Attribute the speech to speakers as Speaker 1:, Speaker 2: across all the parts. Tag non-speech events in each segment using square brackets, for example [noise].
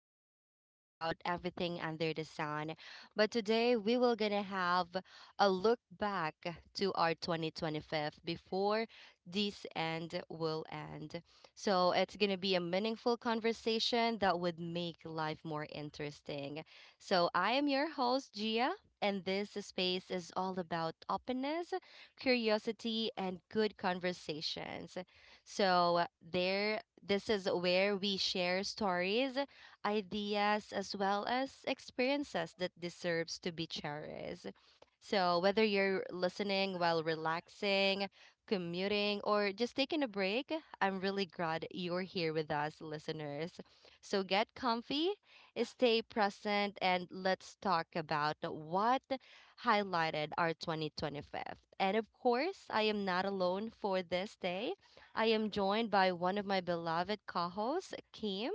Speaker 1: where we talk about everything under the sun. But today we will gonna have a look back to our 2025 before this end will end. So it's gonna be a meaningful conversation that would make life more interesting. So I am your host, Gia, and this space is all about openness, curiosity, and good conversations. So there this is where we share stories, ideas as well as experiences that deserves to be cherished. So whether you're listening while relaxing, commuting or just taking a break, I'm really glad you're here with us listeners. So get comfy, stay present and let's talk about what highlighted our 2025. And of course, I am not alone for this day. I am joined by one of my beloved co hosts, Kim.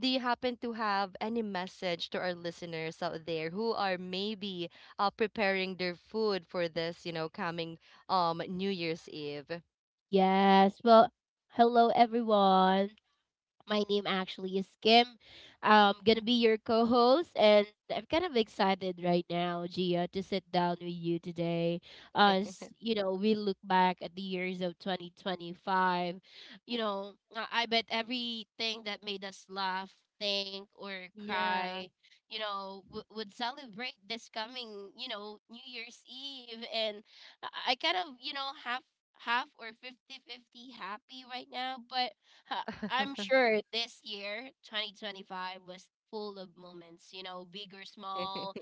Speaker 1: Do you happen to have any message to our listeners out there who are maybe preparing their food for this, coming New Year's Eve?
Speaker 2: Yes. Well, hello everyone. My name actually is Kim. I'm gonna be your co-host, and I'm kind of excited right now, Gia, to sit down with you today. As you know, we look back at the years of 2025. I bet everything that made us laugh, think, or
Speaker 1: Yeah.
Speaker 2: cry, would celebrate this coming, New Year's Eve. And I kind of, half half or 50 50 happy right now, but. uh, I'm
Speaker 1: [laughs]
Speaker 2: sure this year, 2025, was full of moments, you know, big or small.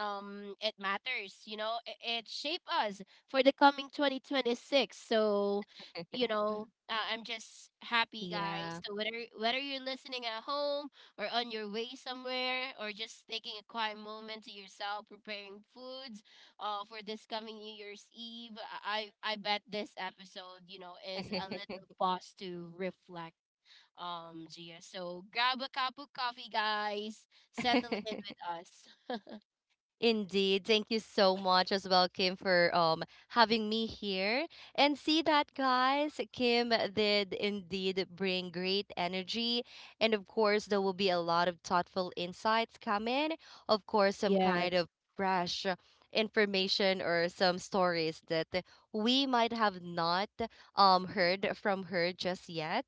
Speaker 2: It matters, it shaped us for the coming 2026. So, I'm just happy, guys.
Speaker 1: yeah.
Speaker 2: So, whether you're listening at home or on your way somewhere or just taking a quiet moment to yourself, preparing foods for this coming New Year's Eve, I bet this episode, is a little pause to reflect Gia. So grab a cup of coffee, guys. Settle in
Speaker 1: [laughs]
Speaker 2: with us.
Speaker 1: Indeed. Thank you so much as well, Kim, for having me here. And see that, guys, Kim did indeed bring great energy. And of course, there will be a lot of thoughtful insights coming. Of course, some kind
Speaker 2: Yes.
Speaker 1: of fresh information or some stories that we might have not heard from her just yet.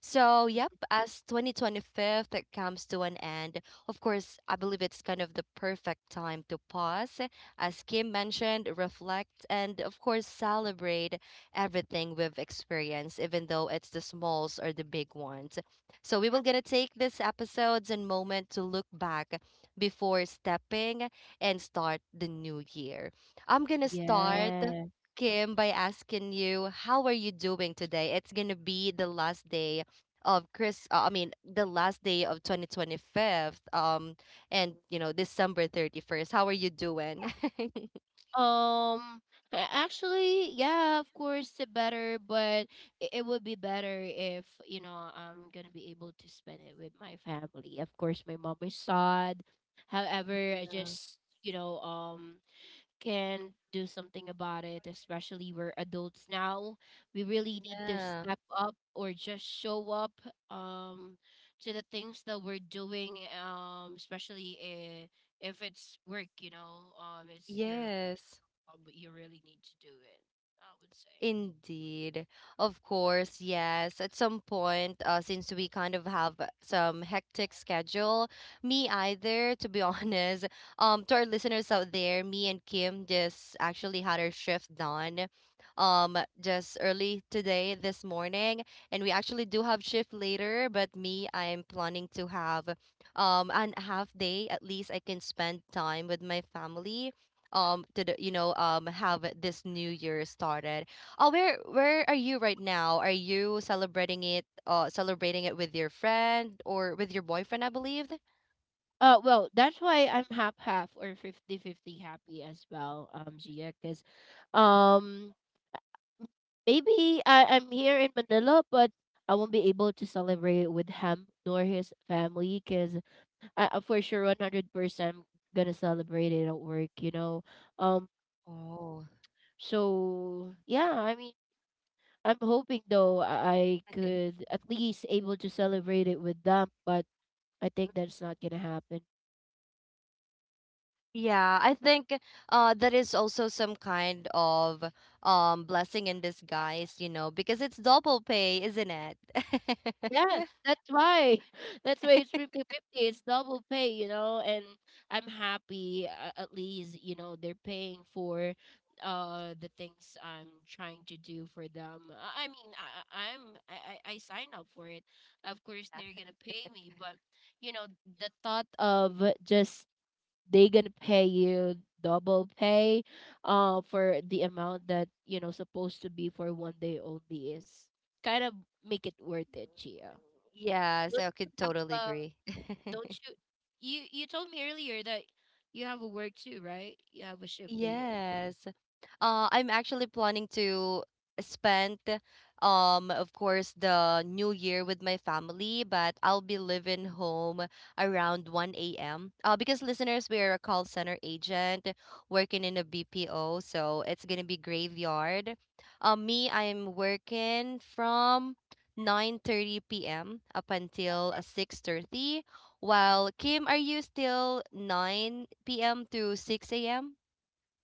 Speaker 1: So, yep, as 2025 comes to an end, of course, I believe it's kind of the perfect time to pause, as Kim mentioned, reflect, and of course, celebrate everything we've experienced, even though it's the smalls or the big ones. So we will gonna take this episodes and moment to look back before stepping and start the new year. I'm gonna start
Speaker 2: Yeah.
Speaker 1: Kim by asking you, how are you doing today? It's gonna be the last day of Chris I mean the last day of 2025 and December 31st. How are you doing? [laughs]
Speaker 2: Um, actually, yeah, of course, the better, but it would be better if, you know, I'm gonna be able to spend it with my family. Of course, my mom is sad. However, I just, can do something about it, especially we're adults now. We really need to
Speaker 1: Yeah.
Speaker 2: step up or just show up um to the things that we're doing, if it's work, it's your
Speaker 1: Yes.
Speaker 2: job, but you really need to do it, I would say.
Speaker 1: Indeed. Of course, yes. At some point, since we kind of have some hectic schedule, me either, to be [laughs] honest. To our listeners out there, me and Kim just actually had our shift done just early today this morning. And we actually do have shift later, but me, I'm planning to have an half day at least I can spend time with my family. To the, you know, have this new year started? Oh, where are you right now? Are you celebrating it with your friend or with your boyfriend, I believe?
Speaker 2: Well, that's why I'm half half or 50 50 happy as well, Gia, because um, maybe I'm here in Manila, but I won't be able to celebrate with him nor his family because I for sure 100% gonna celebrate it at work, you know. Um,
Speaker 1: Oh.
Speaker 2: so yeah, I mean, I'm hoping though I
Speaker 1: [laughs]
Speaker 2: could at least able to celebrate it with them, but I think that's not gonna happen.
Speaker 1: Yeah, I think that is also some kind of blessing in disguise, because it's double pay, isn't it?
Speaker 2: Yes,
Speaker 1: [laughs]
Speaker 2: that's why. [laughs] That's why it's 50 50. It's double pay, you know, and I'm happy at least, you know, they're paying for the things I'm trying to do for them. I mean, I- I'm I I sign up for it. Of course, they're gonna pay me, but you know, the thought of just they gonna pay you double pay for the amount that, you know, supposed to be for one day only is kind of make it worth it, Chia.
Speaker 1: Yes,
Speaker 2: Don't
Speaker 1: I
Speaker 2: you
Speaker 1: could
Speaker 2: have
Speaker 1: totally
Speaker 2: a
Speaker 1: agree.
Speaker 2: don't you you you told me earlier that you have a work too, right? You have a shift later.
Speaker 1: Yes. I'm actually planning to spend, of course, the new year with my family, but I'll be leaving home around 1 a.m. Because listeners, we are a call center agent working in a BPO, so it's gonna be graveyard. Me, I'm working from 9:30 p.m. up until 6:30,
Speaker 2: Mhm.
Speaker 1: while Kim, are you still 9 p.m. to 6 a.m.?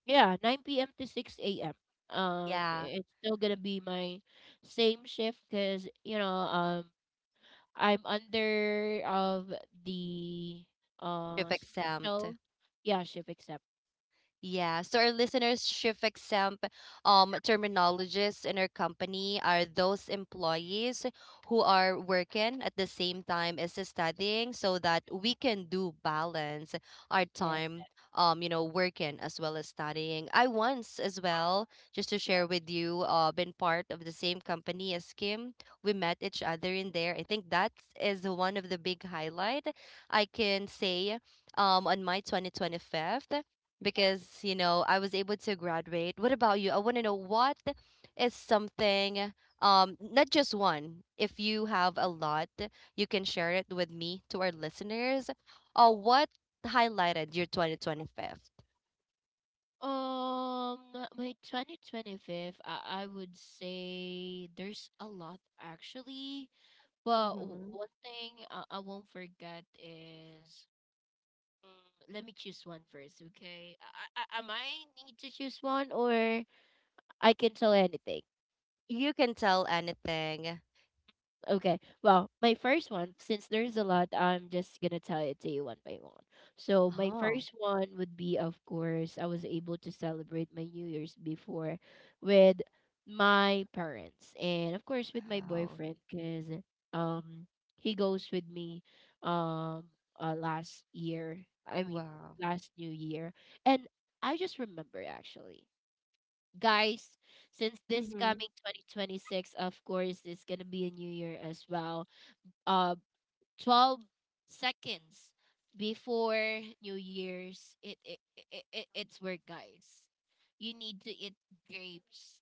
Speaker 2: Yeah, 9 p.m. to 6 a.m.
Speaker 1: Yeah,
Speaker 2: It's still gonna be my same shift because I'm under of the
Speaker 1: you've exempt.
Speaker 2: special yeah, shift except
Speaker 1: Yeah, so our listeners, shift exempt terminologists in our company are those employees who are working at the same time as studying so that we can do balance our
Speaker 2: yeah.
Speaker 1: time, working as well as studying. I once as well, just to share with you, been part of the same company as Kim. We met each other in there. I think that is one of the big highlight I can say on my 2025 because I was able to graduate. What about you? I want to know what is something not just one. If you have a lot, you can share it with me to our listeners. What highlighted your 2025?
Speaker 2: Um, my 2025, I would say there's a lot actually. But
Speaker 1: Mm-hmm.
Speaker 2: one thing I won't forget is let me choose one first, okay? I might need to choose one, or I can tell anything.
Speaker 1: You can tell anything.
Speaker 2: Okay. Well, my first one, since there's a lot, I'm just gonna tell it to you one by one. So my
Speaker 1: Oh,
Speaker 2: first one would be, of course, I was able to celebrate my New Year's before with my parents and of course with my
Speaker 1: wow.
Speaker 2: boyfriend because um he goes with me um last year. I mean
Speaker 1: Wow.
Speaker 2: last New Year. And I just remember actually guys, since this
Speaker 1: Mm-hmm.
Speaker 2: coming 2026, of course, it's gonna be a new year as well. Uh, 12 seconds before New Year's, it's work, guys. You need to eat grapes.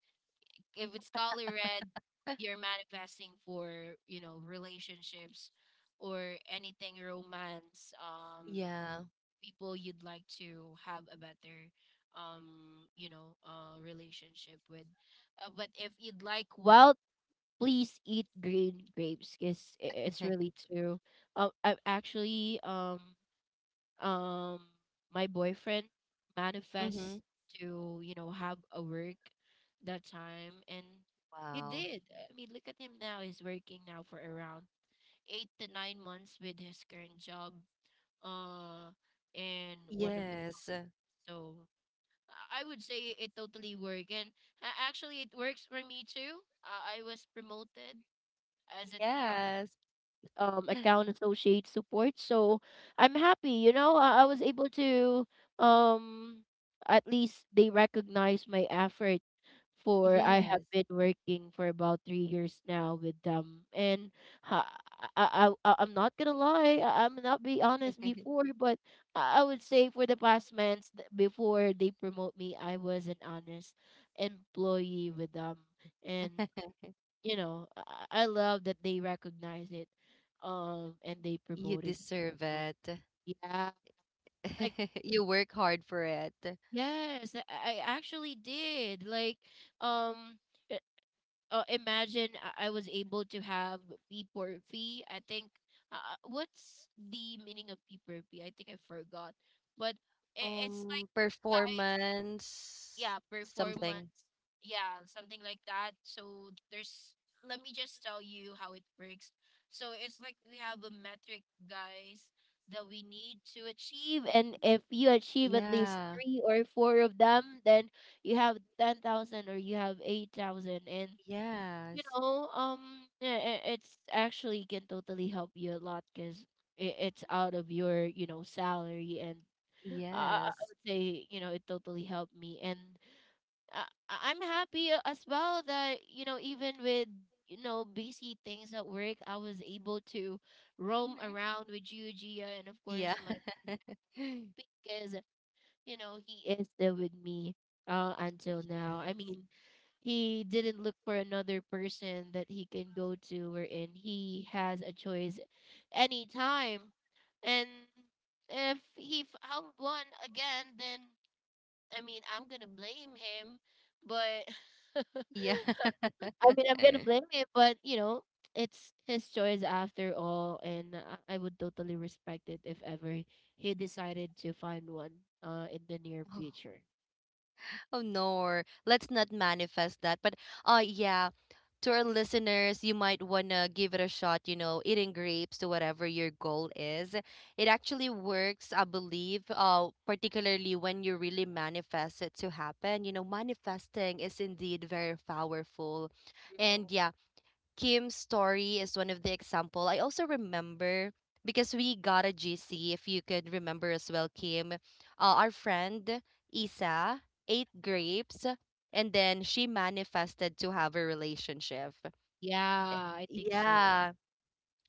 Speaker 2: If it's color red, you're manifesting for, you know, relationships or anything romance.
Speaker 1: Yeah.
Speaker 2: People you'd like to have a better um relationship with, but if you'd like well, please eat green grapes because it's
Speaker 1: [laughs]
Speaker 2: really true. I actually, um my boyfriend manifests
Speaker 1: Mm-hmm.
Speaker 2: to, you know, have a work that time, and he
Speaker 1: Wow.
Speaker 2: did. I mean, look at him now, he's working now for around 8 to 9 months with his current job uh in one of the.
Speaker 1: Yes.
Speaker 2: So I would say it totally worked. And actually, it works for me too. I was promoted as a tier
Speaker 1: Yes.
Speaker 2: account associate support. So I'm happy, you know, I was able to um at least they recognize my effort, for I have
Speaker 1: Yes.
Speaker 2: been working for about 3 years now with them, and ha- I'm not gonna lie, I'm not be honest
Speaker 1: [laughs]
Speaker 2: before, but I would say for the past months, before they promote me, I was an honest employee with them, and you know, I love that they recognize it, and they
Speaker 1: You
Speaker 2: promoted me.
Speaker 1: deserve
Speaker 2: So,
Speaker 1: it.
Speaker 2: yeah, like
Speaker 1: [laughs] You work hard for it.
Speaker 2: yes, I actually did. Like, um, i- imagine I was able to have P per fee. I think, uh, what's the meaning of P per fee? I think I forgot, but I it's like
Speaker 1: Performance
Speaker 2: yeah,
Speaker 1: something.
Speaker 2: performance, yeah, something like that. So there's, let me just tell you how it works. So it's like we have a metric, guys, that we need to achieve, and if you achieve at least
Speaker 1: Yeah.
Speaker 2: three or four of them, then you have 10,000 or you have 8,000, and
Speaker 1: Yes.
Speaker 2: it's actually can totally help you a lot, cuz it's out of your, you know, salary, and I
Speaker 1: Yes.
Speaker 2: would say, you know, it totally helped me. And I'm happy, as well that, you know, even with, you know, busy things at work, I was able to roam around with you, Gia, and of
Speaker 1: Yeah.
Speaker 2: course my,
Speaker 1: [laughs]
Speaker 2: because you know he is still with me until now. I
Speaker 1: Yes.
Speaker 2: mean, he didn't look for another person that he can go to, wherein he has a choice anytime, and if he found one again, then I mean I'm gonna blame him, but. [laughs]
Speaker 1: Yeah.
Speaker 2: I mean, I'm gonna blame it, but you know, it's his choice after all, and I would totally respect it if ever he decided to find one in the near
Speaker 1: [laughs]
Speaker 2: future.
Speaker 1: Oh no, let's not manifest that. But yeah, to our listeners, you might wanna give it a shot, eating grapes to whatever your goal is. It actually works, I believe, particularly when you really manifest it to happen. You know, manifesting is indeed very powerful. And
Speaker 2: True.
Speaker 1: yeah, Kim's story is one of the example. I also remember because we got a GC, if you could remember as well, Kim. Our friend Isa ate grapes and then she manifested to have a relationship.
Speaker 2: Yeah,
Speaker 1: Eh,
Speaker 2: I think so.
Speaker 1: Yeah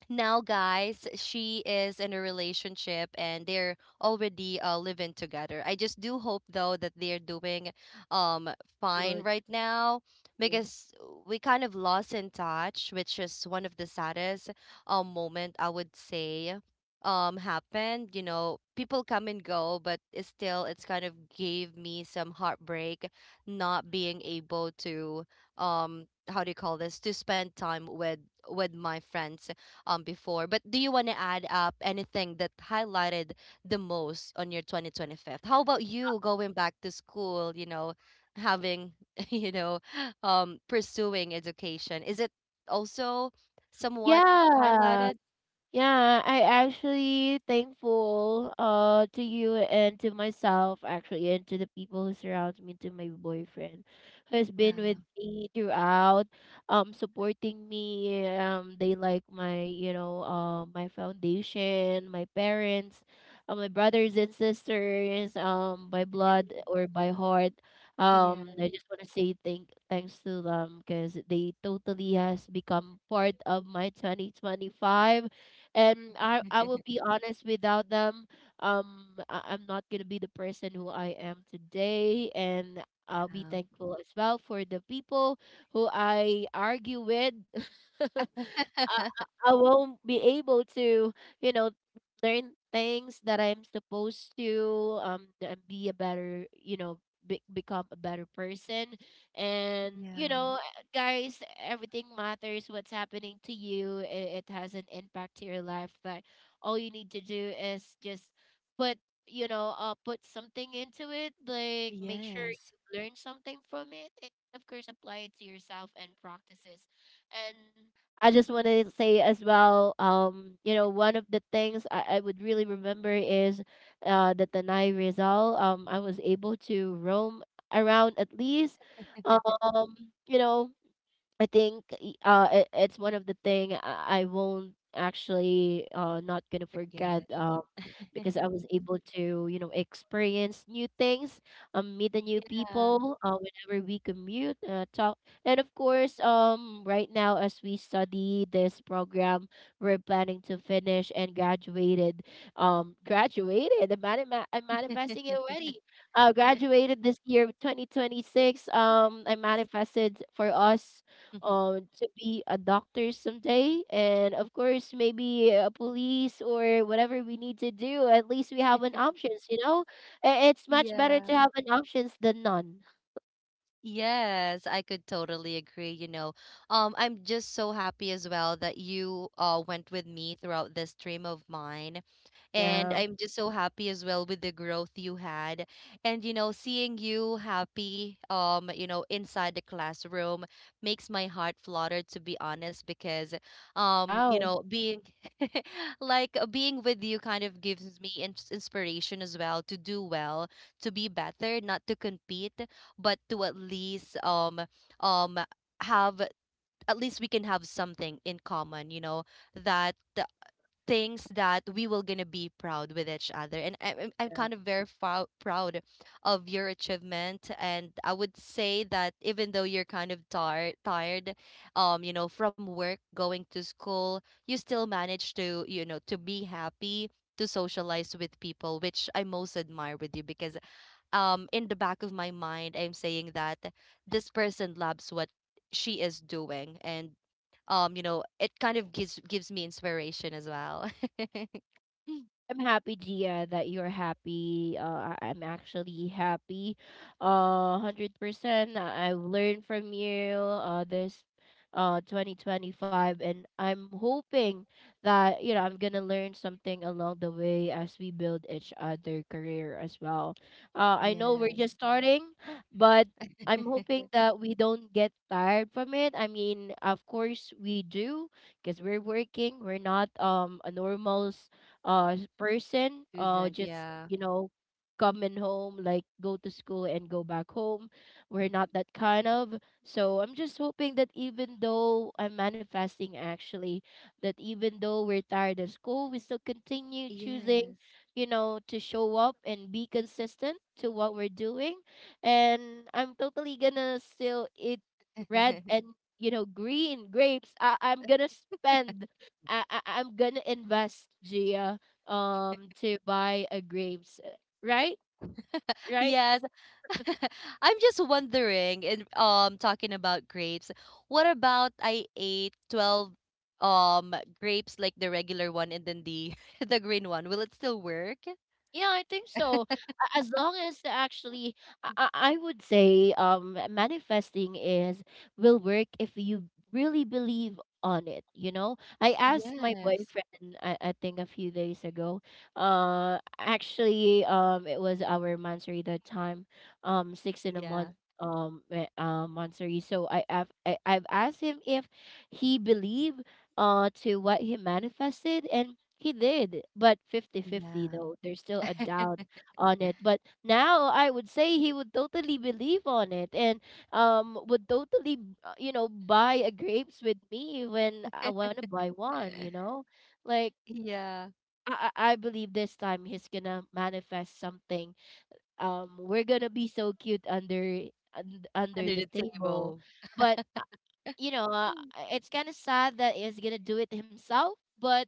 Speaker 1: now guys, she is in a relationship and they're already living together. I just do hope though that they're doing um fine
Speaker 2: Good.
Speaker 1: right now,
Speaker 2: True.
Speaker 1: because we kind of lost in touch, which is one of the saddest moment I would say happened. You know, people come and go, but it's kind of gave me some heartbreak, not being able to how do you call this, to spend time with my friends before. But do you want to add up anything that highlighted the most on your 2025? How about you going back to school, having, [laughs] you know, pursuing education? Is it also somewhat
Speaker 2: Yeah.
Speaker 1: highlighted?
Speaker 2: Yeah, I actually thankful to you and to myself actually, and to the people who surround me, to my boyfriend who has been with
Speaker 1: Wow.
Speaker 2: me throughout, supporting me. They, like, my, you know, my foundation, my parents, my brothers and sisters, um, by blood
Speaker 1: [laughs]
Speaker 2: or by heart.
Speaker 1: Yeah.
Speaker 2: I just want to say thanks to them because they totally has become part of my 2025, and I will be honest, without them, I'm not gonna be the person who I am today. And I'll be
Speaker 1: Yeah.
Speaker 2: thankful as well for the people who I argue with. [laughs]
Speaker 1: [laughs]
Speaker 2: I won't be able to, you know, learn things that I'm supposed to, and be a better, you know, become a better person. And, you
Speaker 1: Yeah.
Speaker 2: know, guys, everything matters. What's happening to you, it has an impact to your life. But all you need to do is just put, you know, put something into it. Like, make sure
Speaker 1: Yes.
Speaker 2: you learn something from it. And of course, apply it to yourself and practices. And I just want to say as well, you know, one of the things I would really remember is the Tanay Rizal. I was able to roam around at least,
Speaker 1: [laughs]
Speaker 2: um, you know, it's one of the thing I won't actually not gonna forget
Speaker 1: Forget.
Speaker 2: because I
Speaker 1: [laughs]
Speaker 2: was able to, you know, experience new things, meet the new
Speaker 1: Yeah.
Speaker 2: people whenever we commute, talk. And of course, right now, as we study this program, we're planning to finish and graduated, I'm manifesting it
Speaker 1: [laughs]
Speaker 2: already, graduated this year 2026. I manifested for us to be a doctor someday, and of course maybe a police or whatever we need to do, at least we have an options, you know. It's much better
Speaker 1: yeah.
Speaker 2: to have an options than none.
Speaker 1: Yes, I could totally agree. You know, I'm just so happy as well that you went with me throughout this dream of mine. And
Speaker 2: Yeah.
Speaker 1: I'm just so happy as well with the growth you had. And you know, seeing you happy, inside the classroom makes my heart flutter, to be honest, because
Speaker 2: Wow.
Speaker 1: being [laughs] being with you kind of gives me inspiration as well to do well, to be better, not to compete, but to at least um have, at least we can have something in common, that things that we will gonna be proud with each other, and I'm kind of very proud of your achievement. And I would say that even though you're kind of tired, from work going to school, you still manage to to be happy, to socialize with people, which I most admire with you, because in the back of my mind I'm saying that this person loves what she is doing. And it kind of gives me inspiration as well. [laughs]
Speaker 2: I'm happy, Gia, that you're happy. I'm actually happy. 100%. I've learned from you, this 2025, and I'm hoping that, you know, I'm going to learn something along the way as we build each other career as well. I know we're just
Speaker 1: yes
Speaker 2: starting, but I'm hoping
Speaker 1: [laughs]
Speaker 2: that we don't get tired from it. I mean, of course we do because we're working. We're not a normal person,
Speaker 1: student
Speaker 2: just
Speaker 1: yeah
Speaker 2: coming home, like go to school and go back home. We're not that kind of. So I'm just hoping that even though I'm manifesting actually, that even though we're tired of school, we still continue choosing,
Speaker 1: yes
Speaker 2: you know, to show up and be consistent to what we're doing. And I'm totally gonna still eat red and,
Speaker 1: [laughs]
Speaker 2: you know, green grapes. I'm gonna spend, I'm gonna invest, Gia, to buy a grapes. Right. Right.
Speaker 1: Yes. [laughs] I'm just wondering, in talking about grapes, what about I ate 12 um grapes like the regular one and then the [laughs] the green one. Will it still work?
Speaker 2: Yeah, I think so. As long as, actually, I would say manifesting is— will work if you really believe on it, you know. I asked my
Speaker 1: Yes.
Speaker 2: boyfriend, I think, a few days ago. Actually, it was our mansary that time, six in a
Speaker 1: Yeah.
Speaker 2: month mansary. So I've asked him if he believes, to what he manifested, and he did, but 50-50
Speaker 1: Yeah.
Speaker 2: though. There's still a doubt
Speaker 1: [laughs]
Speaker 2: on it. But now I would say he would totally believe on it, and would totally, you know, buy a grapes with me when I want to buy one, you know? Like,
Speaker 1: Yeah.
Speaker 2: I believe this time he's gonna manifest something. We're gonna be so cute under— under
Speaker 1: Under
Speaker 2: the
Speaker 1: the
Speaker 2: table.
Speaker 1: table.
Speaker 2: But you know, uh,
Speaker 1: [laughs]
Speaker 2: it's kind of sad that he's gonna do it himself. But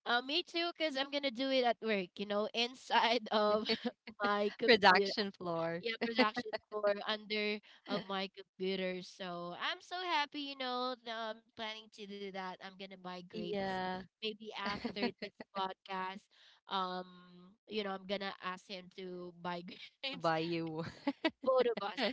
Speaker 2: me too, because I'm gonna do it at work, you know, inside of [laughs] my computer.
Speaker 1: Production floor.
Speaker 2: Yeah, production floor under of my computer. So I'm so happy, you know, that I'm planning to do that. I'm gonna buy grapes
Speaker 1: Yeah.
Speaker 2: maybe after
Speaker 1: [laughs]
Speaker 2: this podcast. Um, you know, I'm gonna ask him to buy [laughs] grapes.
Speaker 1: Buy you. [laughs]
Speaker 2: Both of us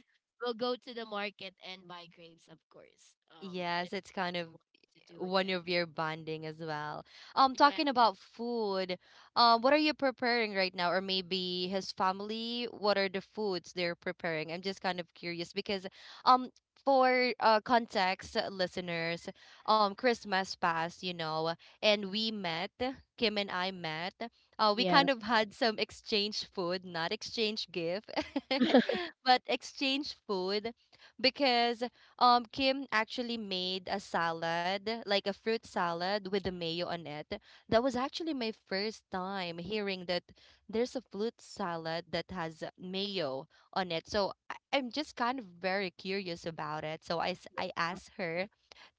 Speaker 2: will go to the market and buy grapes, of course.
Speaker 1: Yes,
Speaker 2: It's
Speaker 1: it's
Speaker 2: what
Speaker 1: kind of
Speaker 2: I want to do
Speaker 1: one
Speaker 2: again.
Speaker 1: of your bonding as well. Um,
Speaker 2: Yeah,
Speaker 1: talking about food, what are you preparing right now? Or maybe his family, what are the foods they're preparing? I'm just kind of curious because, um, for context, listeners, Christmas passed, and we met, Kim and I met. We kind of had some exchange food, not exchange gift, [laughs]
Speaker 2: yeah. [laughs]
Speaker 1: but exchange food because Kim actually made a salad, like a fruit salad with the mayo on it. That was actually my first time hearing that there's a fruit salad that has mayo on it. So I'm just kind of very curious about it. So I asked her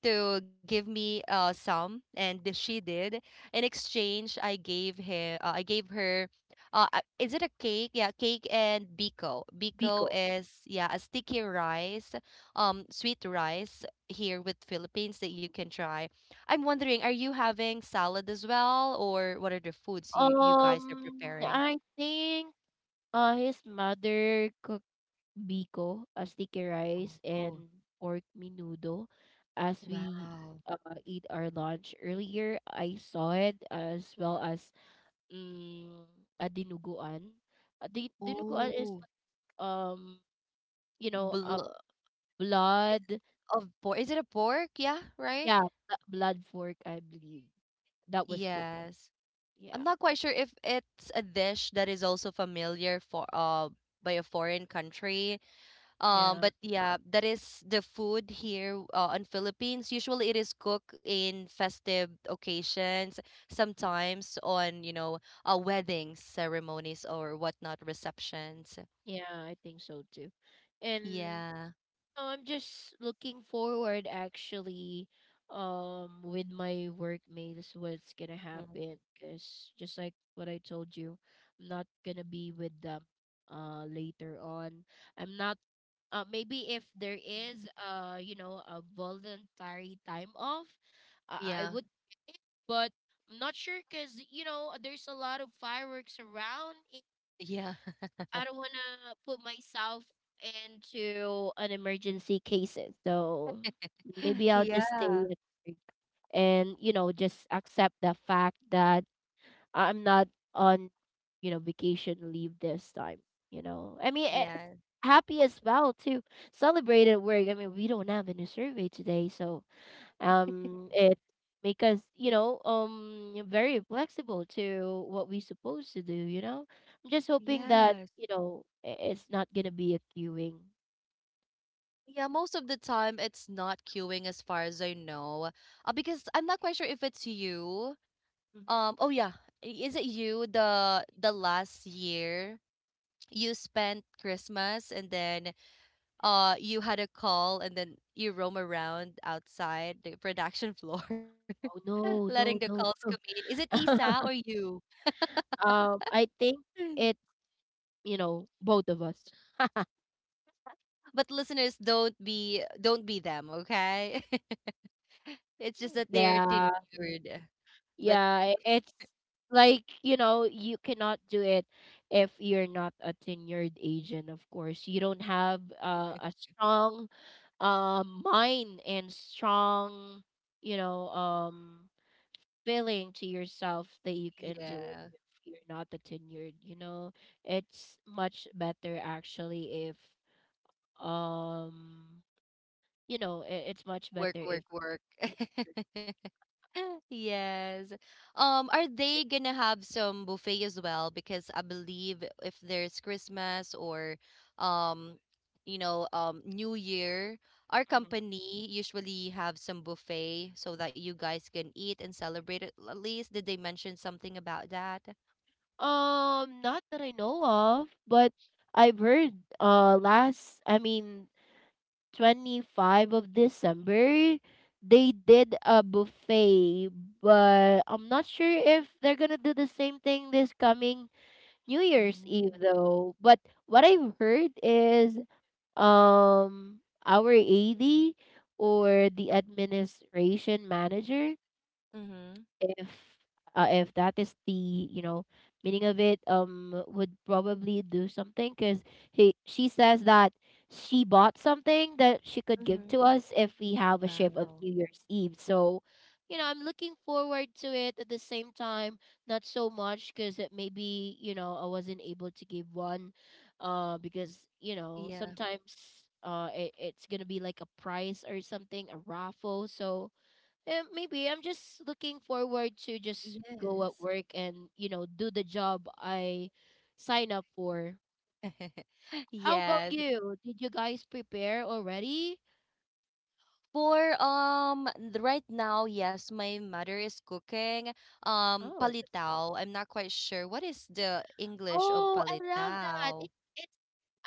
Speaker 1: to give me some, and she did. In exchange, I gave her, is it a cake? Yeah, cake and biko. Biko
Speaker 2: Biko.
Speaker 1: is a sticky rice, sweet rice here with Philippines that you can try. I'm wondering, are you having salad as well, or what are the foods you guys are preparing?
Speaker 2: I think his mother cooked biko, sticky rice, and
Speaker 1: Oh,
Speaker 2: pork menudo as we
Speaker 1: wow.
Speaker 2: uh, eat our lunch earlier. I saw it as well as mm, a dinuguan. A dinuguan is
Speaker 1: Oh,
Speaker 2: like, um you know, a
Speaker 1: bl-
Speaker 2: blood—
Speaker 1: of pork. Is it a pork? Yeah, right?
Speaker 2: yeah, blood fork, I believe. That was cool.
Speaker 1: Yes.
Speaker 2: Yeah,
Speaker 1: I'm not quite sure if it's a dish that is also familiar for by a foreign country. Um,
Speaker 2: yeah,
Speaker 1: but yeah, that is the food here in Philippines. Usually, it is cooked in festive occasions,
Speaker 2: mhm.
Speaker 1: sometimes on weddings, ceremonies, or whatnot, receptions.
Speaker 2: Yeah, I think so too. And
Speaker 1: Yeah,
Speaker 2: I'm just looking forward, actually, with my workmates, what's gonna
Speaker 1: Mhm.
Speaker 2: happen, because just like what I told you, I'm not gonna be with them later on. I'm not— maybe if there is you know, a voluntary time off, I
Speaker 1: yeah,
Speaker 2: would take it. But I'm not sure, because you know there's a lot of fireworks around.
Speaker 1: yeah,
Speaker 2: I don't want to put myself into an emergency cases. So
Speaker 1: [laughs]
Speaker 2: maybe I'll just stay
Speaker 1: yeah,
Speaker 2: at work, and you know, just accept the fact that I'm not on, you know, vacation leave this time. You know, I mean, it's
Speaker 1: yeah.
Speaker 2: happy as well to celebrate at work. I mean, we don't have any survey today. So it make us, you know, very flexible to what we supposed to do, you know. I'm just hoping that,
Speaker 1: Yes.
Speaker 2: you know, it's not gonna be a queuing.
Speaker 1: Yeah, most of the time it's not queuing as far as I know. Because I'm not quite sure if it's you.
Speaker 2: Hmm.
Speaker 1: Oh yeah, is it you, the last year you spent Christmas and then you had a call and then you roam around outside the production floor
Speaker 2: oh
Speaker 1: [laughs] letting
Speaker 2: no
Speaker 1: the
Speaker 2: no
Speaker 1: calls
Speaker 2: no
Speaker 1: come
Speaker 2: no
Speaker 1: in. Is it Isa or
Speaker 2: [laughs]
Speaker 1: you?
Speaker 2: I think it's,
Speaker 1: [laughs]
Speaker 2: you know, both of us.
Speaker 1: But listeners, don't be them, okay? [laughs] It's just
Speaker 2: [laughs]
Speaker 1: that they're
Speaker 2: Yeah.
Speaker 1: tenured. But
Speaker 2: Yeah, it's like, you know, you cannot do it if you're not a tenured agent, of course. You don't have a strong mind and strong, you know, feeling to yourself that you can do it
Speaker 1: yeah.
Speaker 2: if you're not a tenured, you know. It's much better, actually, if um, you know, it's much better
Speaker 1: Work,
Speaker 2: if
Speaker 1: work, work.
Speaker 2: you're—
Speaker 1: [laughs] Yes. Are
Speaker 2: if
Speaker 1: they
Speaker 2: you're—
Speaker 1: gonna have some buffet as well? Because I believe if there's Christmas or um, New Year, our company usually have some buffet so that you guys can eat and celebrate it. At least did they mention something about that?
Speaker 2: Not that I know of, but I've heard, last I mean 25 of December they did a buffet, but I'm not sure if they're gonna do the same thing this coming New Year's Eve
Speaker 1: Mm.
Speaker 2: though. But what I've heard is um our AD, or the administration manager,
Speaker 1: Mm-hmm.
Speaker 2: if if that is the, you know, meaning of it, would probably do something, because he she says that she bought something that she could give
Speaker 1: Mm-hmm.
Speaker 2: to us if we have a shift of
Speaker 1: Wow.
Speaker 2: New Year's Eve. So you know, I'm looking forward to it. At the same time, not so much, because it maybe, you know, I wasn't able to give one, because you know
Speaker 1: Yeah.
Speaker 2: sometimes, it's gonna be like a prize or something, a raffle. So maybe I'm just looking forward to just go at
Speaker 1: Yes.
Speaker 2: work and, you know, do the job I sign up for.
Speaker 1: [laughs]
Speaker 2: How about
Speaker 1: Yes.
Speaker 2: you? Did you guys prepare already?
Speaker 1: For right now, yes, my mother is cooking
Speaker 2: Oh, that's nice.
Speaker 1: palitao. I'm not quite sure what is the English of
Speaker 2: Oh, I love that.
Speaker 1: palitao.
Speaker 2: It's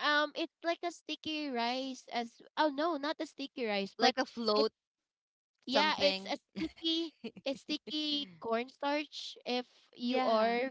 Speaker 2: it's like a sticky rice, as— oh no, not a sticky rice, but
Speaker 1: Like a
Speaker 2: it's—
Speaker 1: float
Speaker 2: Yeah, it's a
Speaker 1: something.
Speaker 2: sticky, it's sticky cornstarch, if you
Speaker 1: Yeah.
Speaker 2: are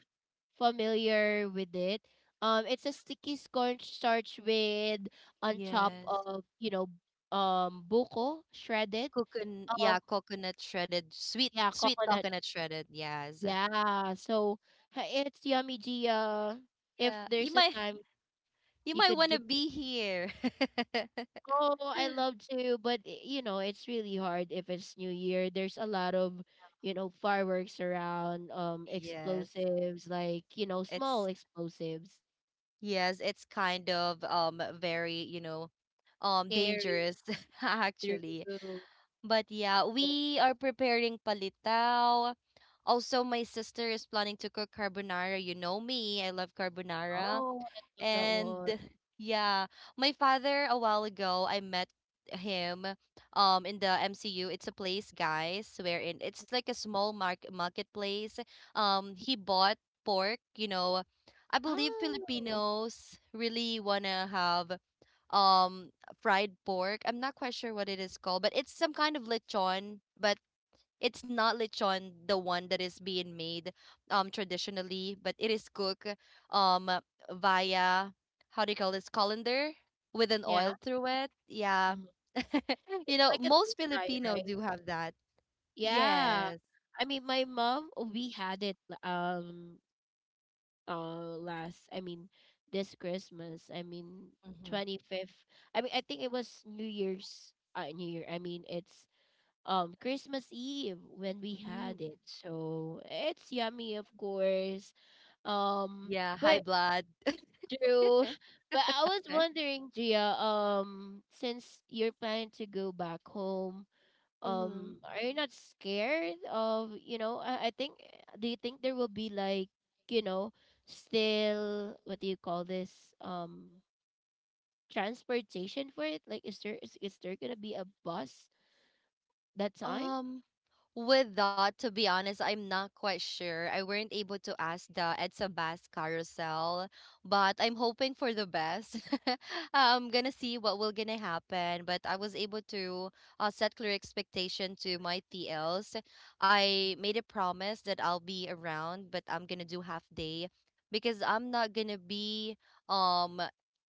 Speaker 2: familiar with it. It's a sticky cornstarch with on top
Speaker 1: Yes.
Speaker 2: of, you know, buko shredded.
Speaker 1: Coconut,
Speaker 2: Um,
Speaker 1: yeah, coconut shredded, sweet,
Speaker 2: yeah,
Speaker 1: sweet
Speaker 2: coconut.
Speaker 1: coconut shredded. Yes.
Speaker 2: Yeah, so it's yummy, Gia. If
Speaker 1: Yeah. You
Speaker 2: there's a
Speaker 1: might
Speaker 2: time
Speaker 1: [laughs] you
Speaker 2: you
Speaker 1: might
Speaker 2: could
Speaker 1: want
Speaker 2: give—
Speaker 1: to be here. [laughs]
Speaker 2: Oh, I love to, but you know, it's really hard if it's New Year. There's a lot of, you know, fireworks around,
Speaker 1: Yes.
Speaker 2: explosives, like, you know, small
Speaker 1: It's
Speaker 2: explosives.
Speaker 1: Yes, it's kind of very,
Speaker 2: Carry
Speaker 1: dangerous [laughs] actually.
Speaker 2: through.
Speaker 1: But yeah, we are preparing palitaw. Also, my sister is planning to cook carbonara. You know me, I love carbonara.
Speaker 2: Oh, I love that
Speaker 1: And
Speaker 2: one.
Speaker 1: [laughs] yeah, my father a while ago, I met him in the MCU. It's a place, guys, wherein it's like a small marketplace. He bought pork, you know. I believe
Speaker 2: Oh,
Speaker 1: Filipinos really wanna have um fried pork. I'm not quite sure what it is called, but it's some kind of lechon, but it's not lechon the one that is being made traditionally, but it is cooked um via, how do you call this, colander with an
Speaker 2: yeah.
Speaker 1: oil through it. Yeah.
Speaker 2: Mhm.
Speaker 1: [laughs] You
Speaker 2: It's
Speaker 1: know,
Speaker 2: like a deep
Speaker 1: most
Speaker 2: fry,
Speaker 1: Filipino
Speaker 2: right?
Speaker 1: do have that.
Speaker 2: Yeah.
Speaker 1: Yes.
Speaker 2: I mean, my mom, we had it um last I mean this Christmas. I mean
Speaker 1: Mm-hmm.
Speaker 2: 25th. I mean, I think it was New Year. I mean, it's Christmas Eve when we
Speaker 1: Mm.
Speaker 2: had it. So it's yummy, of course. Um,
Speaker 1: Yeah, high
Speaker 2: but—
Speaker 1: blood.
Speaker 2: Drew— But I was wondering, Gia, since you're planning to go back home,
Speaker 1: Mm-hmm.
Speaker 2: are you not scared of, you know, I think do you think there will be like, you know, still— what do you call this? Transportation for it, like, is there gonna be a bus that time?
Speaker 1: Um, With that, to be honest, I'm not quite sure. I weren't able to ask the Edsa Bass carousel, but I'm hoping for the best. [laughs] I'm gonna see what will gonna happen, but I was able to set clear expectation to my TLs. I
Speaker 2: Mm-hmm.
Speaker 1: made a promise that I'll be around, but I'm gonna do half day because I'm not gonna be um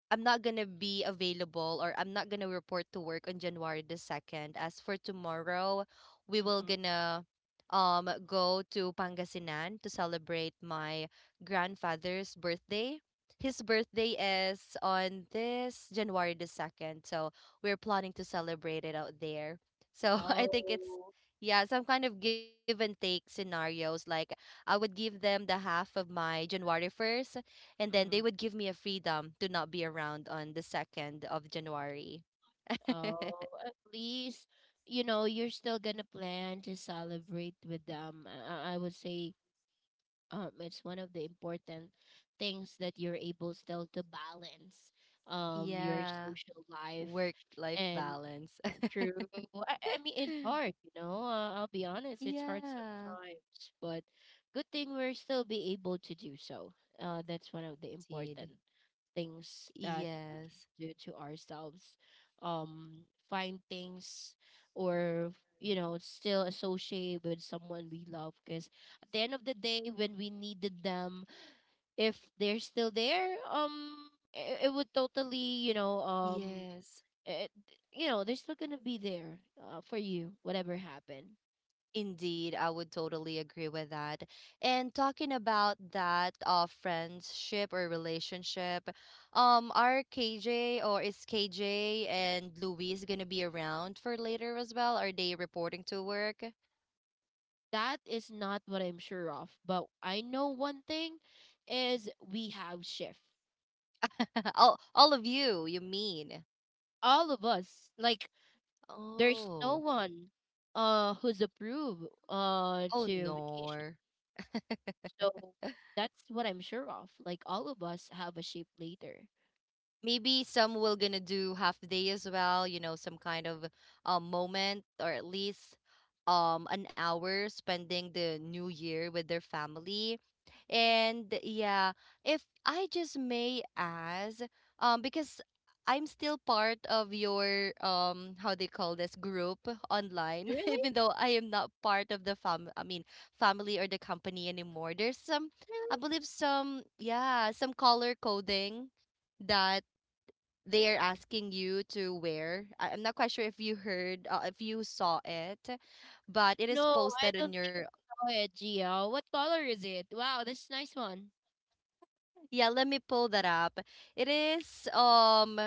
Speaker 1: available, or I'm not gonna report to work on January the 2nd. As for tomorrow, we will gonna go to Pangasinan to celebrate my grandfather's birthday. His birthday is on this January the 2nd, so we're planning to celebrate it out there. So [laughs] I think it's
Speaker 2: Oh.
Speaker 1: yeah, some kind of give and take scenarios. Like I would give them the half of my January 1st, and then they
Speaker 2: Mm-hmm.
Speaker 1: would give me a freedom to not be around on the 2nd of January. [laughs]
Speaker 2: Oh, at least, you know, you're still gonna plan to celebrate with them. I would say it's one of the important things, that you're able still to balance your
Speaker 1: Yeah,
Speaker 2: social life,
Speaker 1: work life
Speaker 2: and
Speaker 1: balance.
Speaker 2: true. I mean, it's hard,
Speaker 1: [laughs]
Speaker 2: you know. I'll be honest, it's hard
Speaker 1: Yeah,
Speaker 2: sometimes. But good thing we're still be able to do so. Uh, that's one of the important
Speaker 1: indeed.
Speaker 2: things that we can
Speaker 1: Yes,
Speaker 2: do to ourselves. Um, find things, or, you know, still associate with someone we love, because at the end of the day, when we needed them, if they're still there, it would totally, you know, um—
Speaker 1: yes.
Speaker 2: it, you know, they're still gonna be there, for you, whatever happened.
Speaker 1: Indeed, I would totally agree with that. And talking about that friendship or relationship, are KJ, or is KJ and Louise, gonna be around for later as well? Are they reporting to work?
Speaker 2: That is not what I'm sure of, but I know one thing is we have shift.
Speaker 1: [laughs] All of you, you mean?
Speaker 2: All of us, like, there's no
Speaker 1: Oh.
Speaker 2: one who's approved
Speaker 1: Oh
Speaker 2: to vacation.
Speaker 1: no.
Speaker 2: So that's what I'm sure of. Like, all of us have a shape later.
Speaker 1: Maybe some will gonna do half day as well, you know, some kind of moment, or at least an hour spending the new year with their family. And yeah, if I just may ask, because I'm still part of your, how they call this, group online, [laughs]
Speaker 2: Really?
Speaker 1: even though I am not part of the fam I mean family or the company anymore, there's some, I
Speaker 2: Really?
Speaker 1: believe some, yeah, some color coding that they are asking you to wear. I'm not quite sure if you heard, if you saw it, but it is
Speaker 2: No, I
Speaker 1: posted
Speaker 2: don't
Speaker 1: on your.
Speaker 2: know it, Gio. What color is it? Wow, that's a nice one.
Speaker 1: Yeah, let me pull that up. It is um,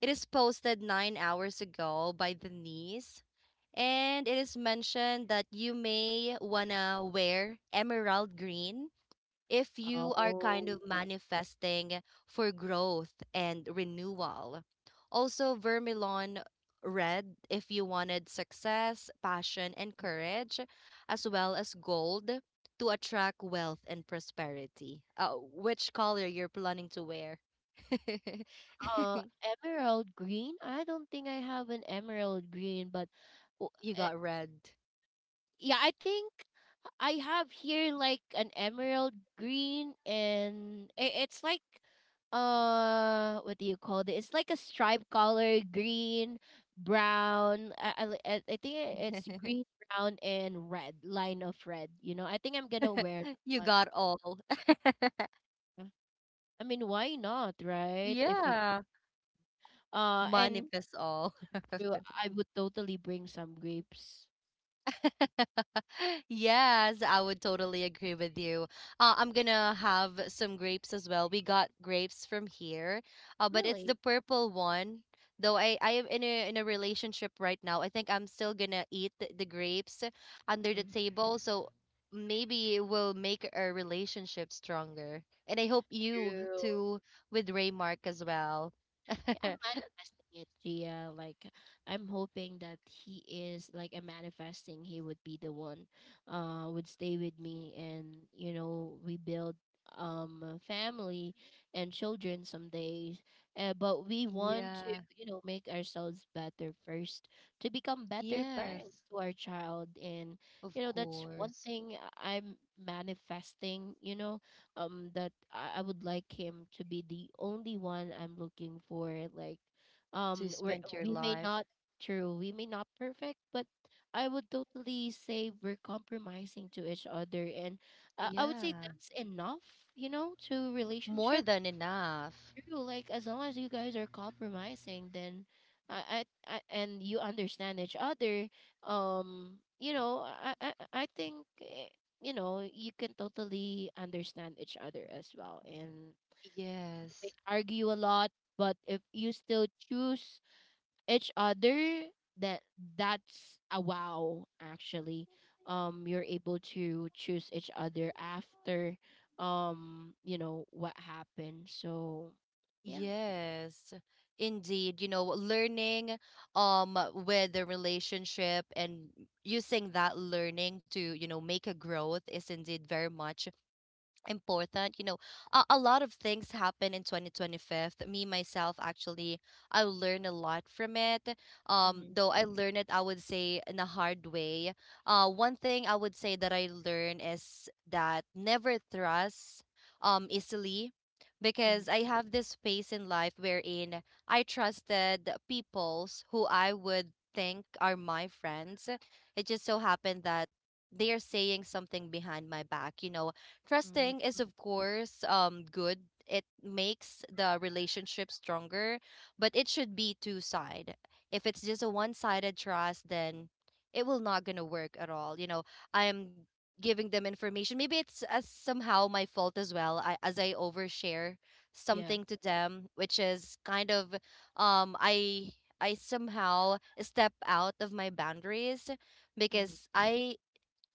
Speaker 1: it is posted 9 hours ago by the niece, and it is mentioned that you may wanna wear emerald green if you are kind
Speaker 2: Oh.
Speaker 1: of manifesting for growth and renewal. Also, Vermilon red if you wanted success, passion, and courage, as well as gold to attract wealth and prosperity. Which color you're planning to wear? [laughs]
Speaker 2: Uh, emerald green? I don't think I have an emerald green, but w-
Speaker 1: You
Speaker 2: eh,
Speaker 1: got red.
Speaker 2: yeah, I think I have here like an emerald green, and it's like, what do you call it? It's like a stripe color, green, brown. I think it's
Speaker 1: [laughs]
Speaker 2: green, brown, and red, line of red. You know, I think I'm gonna wear that
Speaker 1: You
Speaker 2: one.
Speaker 1: got all. [laughs]
Speaker 2: Uh, I mean, why not, right? If you—
Speaker 1: Yeah.
Speaker 2: and
Speaker 1: Manifest all.
Speaker 2: true,
Speaker 1: [laughs]
Speaker 2: I would totally bring some grapes.
Speaker 1: [laughs] Yes, I would totally agree with you. I'm gonna have some grapes as well. We got grapes from here, but it's
Speaker 2: Really?
Speaker 1: the purple one. Though I am in a relationship right now, I think I'm still gonna eat the grapes under the
Speaker 2: Mm.
Speaker 1: table, so maybe it will make our relationship stronger. And I hope you
Speaker 2: True.
Speaker 1: too with Raymark as well.
Speaker 2: Yeah,
Speaker 1: [laughs]
Speaker 2: I'm manifesting it, Gia. Like, I'm hoping that he is, like, I'm manifesting he would be the one would stay with me, and you know, we build a family and children someday. But we want to,
Speaker 1: Yeah.
Speaker 2: you know, make ourselves better first, to become better parents
Speaker 1: Yes,
Speaker 2: to our child. And,
Speaker 1: of
Speaker 2: you know, that's one
Speaker 1: course.
Speaker 2: thing I'm manifesting, you know, that I would like him to be the only one I'm looking for. Like,
Speaker 1: To
Speaker 2: um we're
Speaker 1: spend your
Speaker 2: we may
Speaker 1: life.
Speaker 2: not— true, we may not perfect, but I would totally say we're compromising to each other. And I would say
Speaker 1: Yeah,
Speaker 2: that's enough, you know, to
Speaker 1: more
Speaker 2: relationship.
Speaker 1: than enough.
Speaker 2: True. Like, as long as you guys are compromising, then I and you understand each other. You know, I think you know, you can totally understand each other as well. And you may
Speaker 1: Yes.
Speaker 2: argue a lot, but if you still choose each other, that that's a wow, actually. You're able to choose each other after you know what happened. So yeah.
Speaker 1: Yes. Indeed, you know, learning with the relationship and using that learning to, you know, make a growth is indeed very much important. You know, a lot of things happen in 2025. Me myself actually, I learned a lot from it.
Speaker 2: Mhm,
Speaker 1: Though I learned it, I would say in a hard way. One thing I would say that I learned is that never trust easily,
Speaker 2: mhm,
Speaker 1: because I have this phase in life wherein I trusted peoples who I would think are my friends. It just so happened that they are saying something behind my back, you know. Trusting
Speaker 2: mm,
Speaker 1: is, of course, good. It makes the relationship stronger, but it should be two side. If it's just a one sided trust, then it will not gonna work at all. You know, I am giving them information. Maybe it's somehow my fault as well. I, as I overshare
Speaker 2: yeah,
Speaker 1: something to them, which is kind of um I I somehow step out of my boundaries
Speaker 2: mhm.
Speaker 1: because I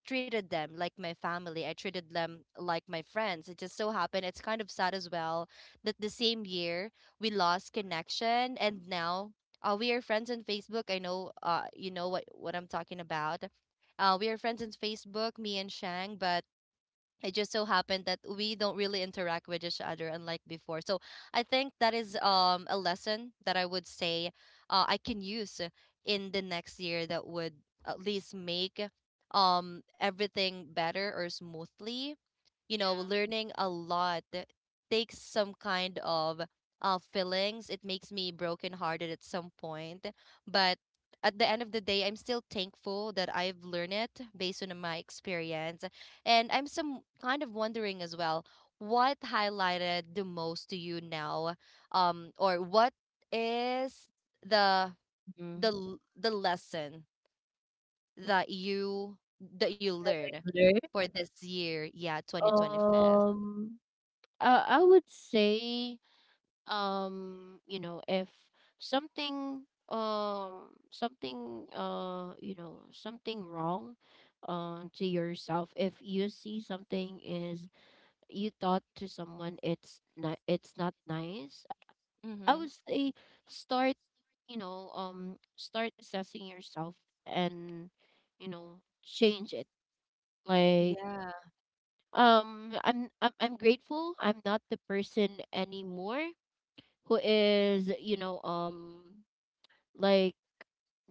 Speaker 1: treated them like my family. I treated them like my friends. It just so happened, it's kind of sad as well, that the same year we lost connection, and now we are friends on Facebook. I know, you know what I'm talking about. We are friends on Facebook, me and Shang, but it just so happened that we don't really interact with each other unlike before. So I think that is a lesson that I would say I can use in the next year that would at least make everything better or smoothly, you know.
Speaker 2: Yeah.
Speaker 1: Learning a lot takes some kind of feelings. It makes me brokenhearted at some point, but at the end of the day, I'm still thankful that I've learned it based on my experience. And I'm some kind of wondering as well, what highlighted the most to you now, or what is the the
Speaker 2: Mhm.
Speaker 1: l- the lesson that you that you learn
Speaker 2: Other—
Speaker 1: for this year, yeah, 2025.
Speaker 2: Um, I would say, you know, if something, something, you know, something wrong, to yourself. If you see something is you thought to someone, it's not nice. I
Speaker 1: Mm-hmm.
Speaker 2: would say start, you know, start assessing yourself and, you know, change it. Like,
Speaker 1: Yeah.
Speaker 2: I'm grateful. I'm not the person anymore who is, you know, like,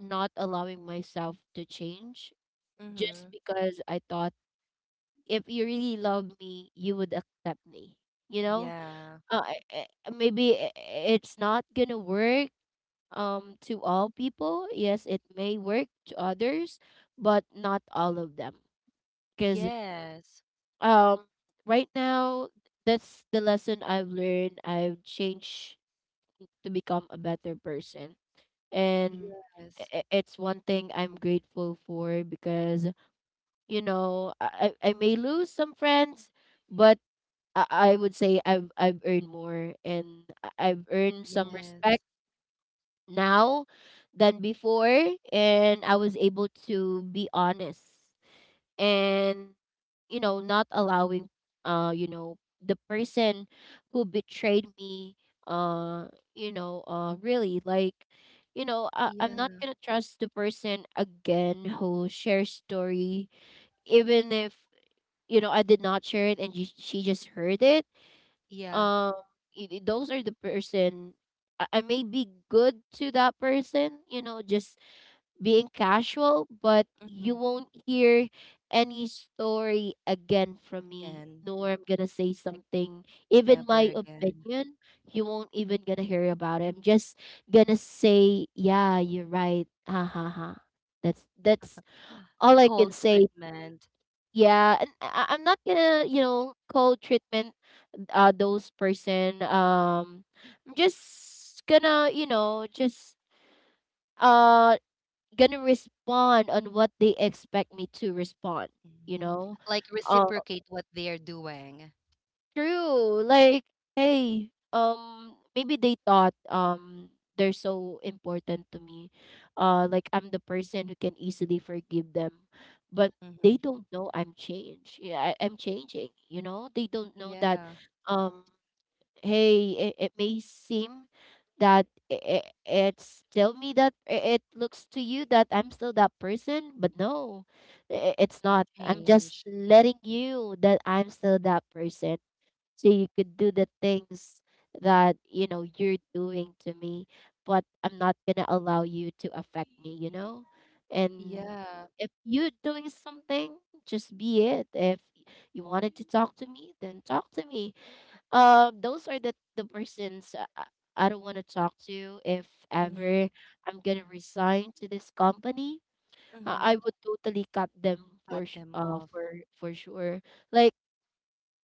Speaker 2: not allowing myself to change, just
Speaker 1: Mm-hmm.
Speaker 2: because I thought, if you really love me, you would accept me. You know,
Speaker 1: Yeah.
Speaker 2: uh, I- I- maybe i- i- it's not gonna work to all people. Yes, it may work to others, but not all of them, because
Speaker 1: Yes,
Speaker 2: um right now that's the lesson I've learned. I've changed to become a better person, and
Speaker 1: yes,
Speaker 2: it's one thing I'm grateful for, because you know I may lose some friends, but I I would say I've earned more, and I've earned some respect
Speaker 1: yes.
Speaker 2: now than before. And I was able to be honest and, you know, not allowing, uh you know the person who betrayed me, uh really, like, I'm not
Speaker 1: Yeah.
Speaker 2: going to trust the person again who shares story, even if, you know, I did not share it and she just heard it.
Speaker 1: Yeah.
Speaker 2: um those are the person I may be good to that person, you know, just being casual, but you
Speaker 1: Mm-hmm.
Speaker 2: won't hear any story again from me,
Speaker 1: Again.
Speaker 2: nor I'm gonna say
Speaker 1: Like,
Speaker 2: something, even
Speaker 1: never
Speaker 2: my
Speaker 1: again.
Speaker 2: opinion. You won't even gonna hear about it. I'm just gonna say, yeah, you're right. Ha ha ha. That's all I can
Speaker 1: Cold
Speaker 2: say.
Speaker 1: treatment.
Speaker 2: Yeah, and I'm not gonna, you know, call treatment those person. I'm just gonna, you know, just uh gonna respond on what they expect me to respond, you
Speaker 1: Mhm.
Speaker 2: know.
Speaker 1: Like
Speaker 2: um
Speaker 1: reciprocate what they're doing.
Speaker 2: True, like, hey, maybe they thought, they're so important to me, like I'm the person who can easily forgive them. But they
Speaker 1: Hmm.
Speaker 2: don't know I'm changed. Yeah, I'm changing, you know, they don't know that.
Speaker 1: Yeah,
Speaker 2: um Hey, it may seem that, it's still me, that it looks to you that I'm still that person, but no, it's
Speaker 1: you
Speaker 2: not. I'm
Speaker 1: change.
Speaker 2: just letting you that I'm still that person, so you could do the things that, you know, you're doing to me, but I'm not gonna allow you to affect me. You know, and
Speaker 1: Yeah.
Speaker 2: if you're doing something, just be it. If you wanted to talk to me, then talk to me. Those are the persons, I don't want to talk to if
Speaker 1: Mm-hmm.
Speaker 2: ever I'm gonna resign to this company.
Speaker 1: Mm-hmm.
Speaker 2: I would totally cut them
Speaker 1: Cut
Speaker 2: for
Speaker 1: them off.
Speaker 2: for sure. Like,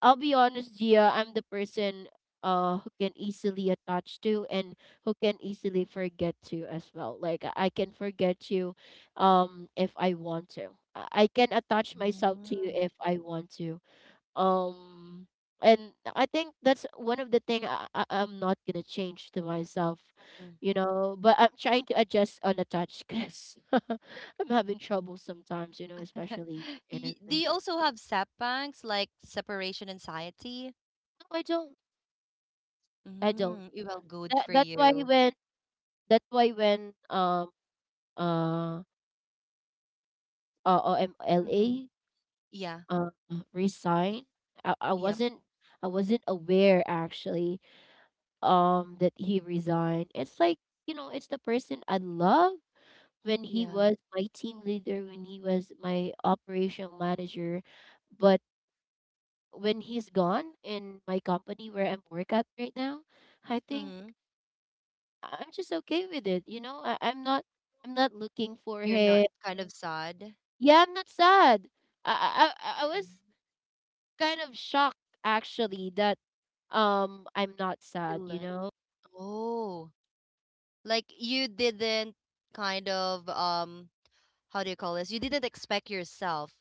Speaker 2: I'll be honest, Gia, I'm the person who can easily attach to, and who can easily forget to as well. Like, I can forget you, if I want to. I can attach myself to you
Speaker 1: Mhm.
Speaker 2: if I want to. um and I think that's one of the thing I'm not gonna change to myself,
Speaker 1: Mm-hmm.
Speaker 2: you know. But I'm trying to adjust unattached, because [laughs] I'm having trouble sometimes, you know,
Speaker 1: [laughs]
Speaker 2: especially in a
Speaker 1: Do you
Speaker 2: relationship.
Speaker 1: also have sapangs, like separation anxiety?
Speaker 2: No, I don't. I don't.
Speaker 1: Mm, it well, good for
Speaker 2: That's why
Speaker 1: you.
Speaker 2: when, that's why when, uh
Speaker 1: Mm-hmm.
Speaker 2: Omla
Speaker 1: Yeah,
Speaker 2: uh resigned, I
Speaker 1: yep,
Speaker 2: wasn't, I wasn't aware actually, that he resigned. It's like, you know, it's the person I love, when he
Speaker 1: yeah.
Speaker 2: was my team leader, when he was my operational manager. But when he's gone in my company where I'm work at right now, I think
Speaker 1: Mm-hmm.
Speaker 2: am just okay with it. You know, I'm not, I'm not looking for
Speaker 1: You're not
Speaker 2: him.
Speaker 1: kind of sad.
Speaker 2: Yeah, I'm not sad. I was kind of shocked actually, that, I'm not
Speaker 1: You
Speaker 2: sad, you
Speaker 1: le-
Speaker 2: know?
Speaker 1: Oh, like you didn't kind of how do you call this? You didn't expect yourself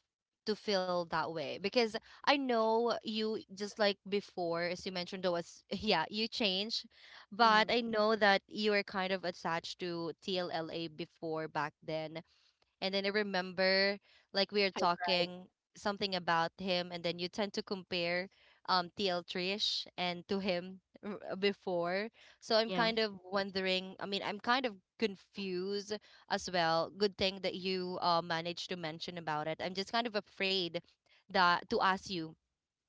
Speaker 1: to feel that way because I know you just like before, as you mentioned, there was [laughs] yeah, you changed, but
Speaker 2: Mm-hmm.
Speaker 1: I know that you were kind of attached to TLLA before back then. And then I remember like we are talking something about him, and then you tend to compare TL Trish and to him [laughs] before. So I'm
Speaker 2: Yeah.
Speaker 1: kind of wondering, I mean, I'm kind of confused as well. Good thing that you managed to mention about it. I'm just kind of afraid that to ask you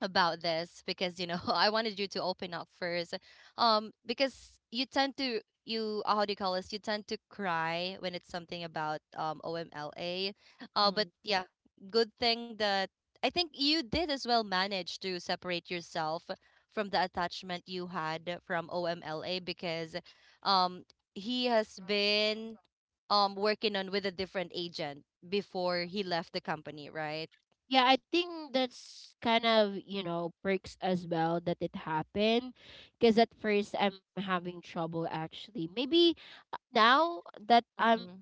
Speaker 1: about this because you know [laughs] I wanted you to open up first. Because you tend to you how do you call this? You tend to cry when it's something about OMLA. But yeah, good thing that I think you did as well manage to separate yourself from the attachment you had from OMLA, because um he has been working on with a different agent before he left the company, right?
Speaker 2: Yeah, I think that's kind of, you know, perks as well that it happened. Because at first I'm having trouble actually. Maybe, now that I'm
Speaker 1: Mm-hmm.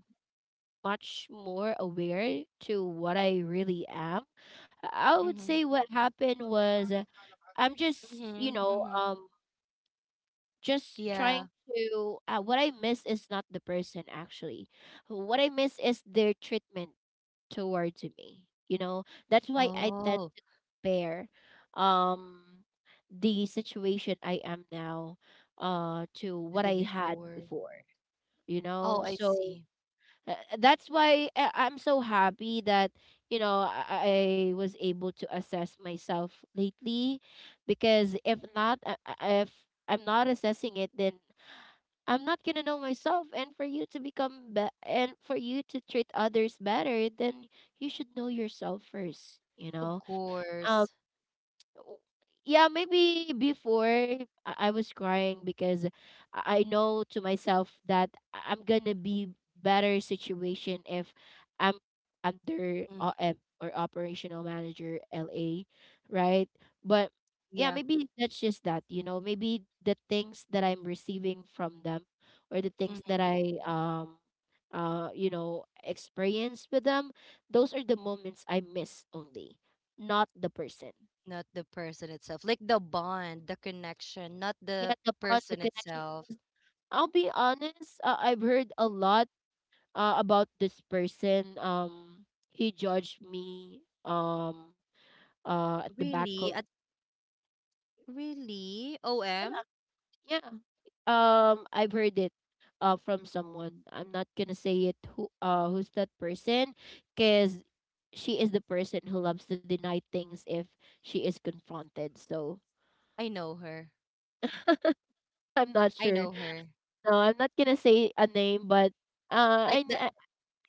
Speaker 2: much more aware to what I really am, I would
Speaker 1: Mm-hmm.
Speaker 2: say what happened was, I'm just, you know,
Speaker 1: Mm-hmm.
Speaker 2: just
Speaker 1: Yeah.
Speaker 2: trying to. What I miss is not the person actually. What I miss is their treatment towards me. You know, that's why I tend
Speaker 1: Oh,
Speaker 2: compare, um the situation I am now, to
Speaker 1: to
Speaker 2: what
Speaker 1: the
Speaker 2: I had
Speaker 1: before.
Speaker 2: before, you
Speaker 1: Oh,
Speaker 2: know?
Speaker 1: I
Speaker 2: So,
Speaker 1: see.
Speaker 2: that's why I'm so happy that, you know, I was able to assess myself lately, because if not, if I'm not assessing it, then I'm not gonna know myself. And for you to become and for you to treat others better, then you should know yourself first, you
Speaker 1: Of
Speaker 2: know. Um,
Speaker 1: course.
Speaker 2: o- yeah, maybe before, I was crying because I know to myself that I'm gonna be better situation if I'm under
Speaker 1: Hmm.
Speaker 2: OM or operational manager LA, right? But yeah,
Speaker 1: Yeah.
Speaker 2: maybe that's just that, you know, maybe the things that I'm receiving from them, or the things that
Speaker 1: Hmm.
Speaker 2: I you know experience with them, those are the moments I miss only, not the person.
Speaker 1: Not the person itself. Like the bond, the connection, not
Speaker 2: Yeah,
Speaker 1: the
Speaker 2: the bond, the
Speaker 1: person
Speaker 2: connection.
Speaker 1: itself.
Speaker 2: 'Cause I'll be honest, I've heard a lot about this person. He judged me. At the back of,
Speaker 1: Really? At really? OM?
Speaker 2: yeah, yeah. I've heard it. From someone. I'm not gonna say it. Who who's that person? Cause she is the person who loves to deny things if she is confronted. So
Speaker 1: I know her.
Speaker 2: I'm not
Speaker 1: I
Speaker 2: sure.
Speaker 1: know her.
Speaker 2: No, I'm not gonna say a name, but
Speaker 1: Like
Speaker 2: uh,
Speaker 1: the,
Speaker 2: I,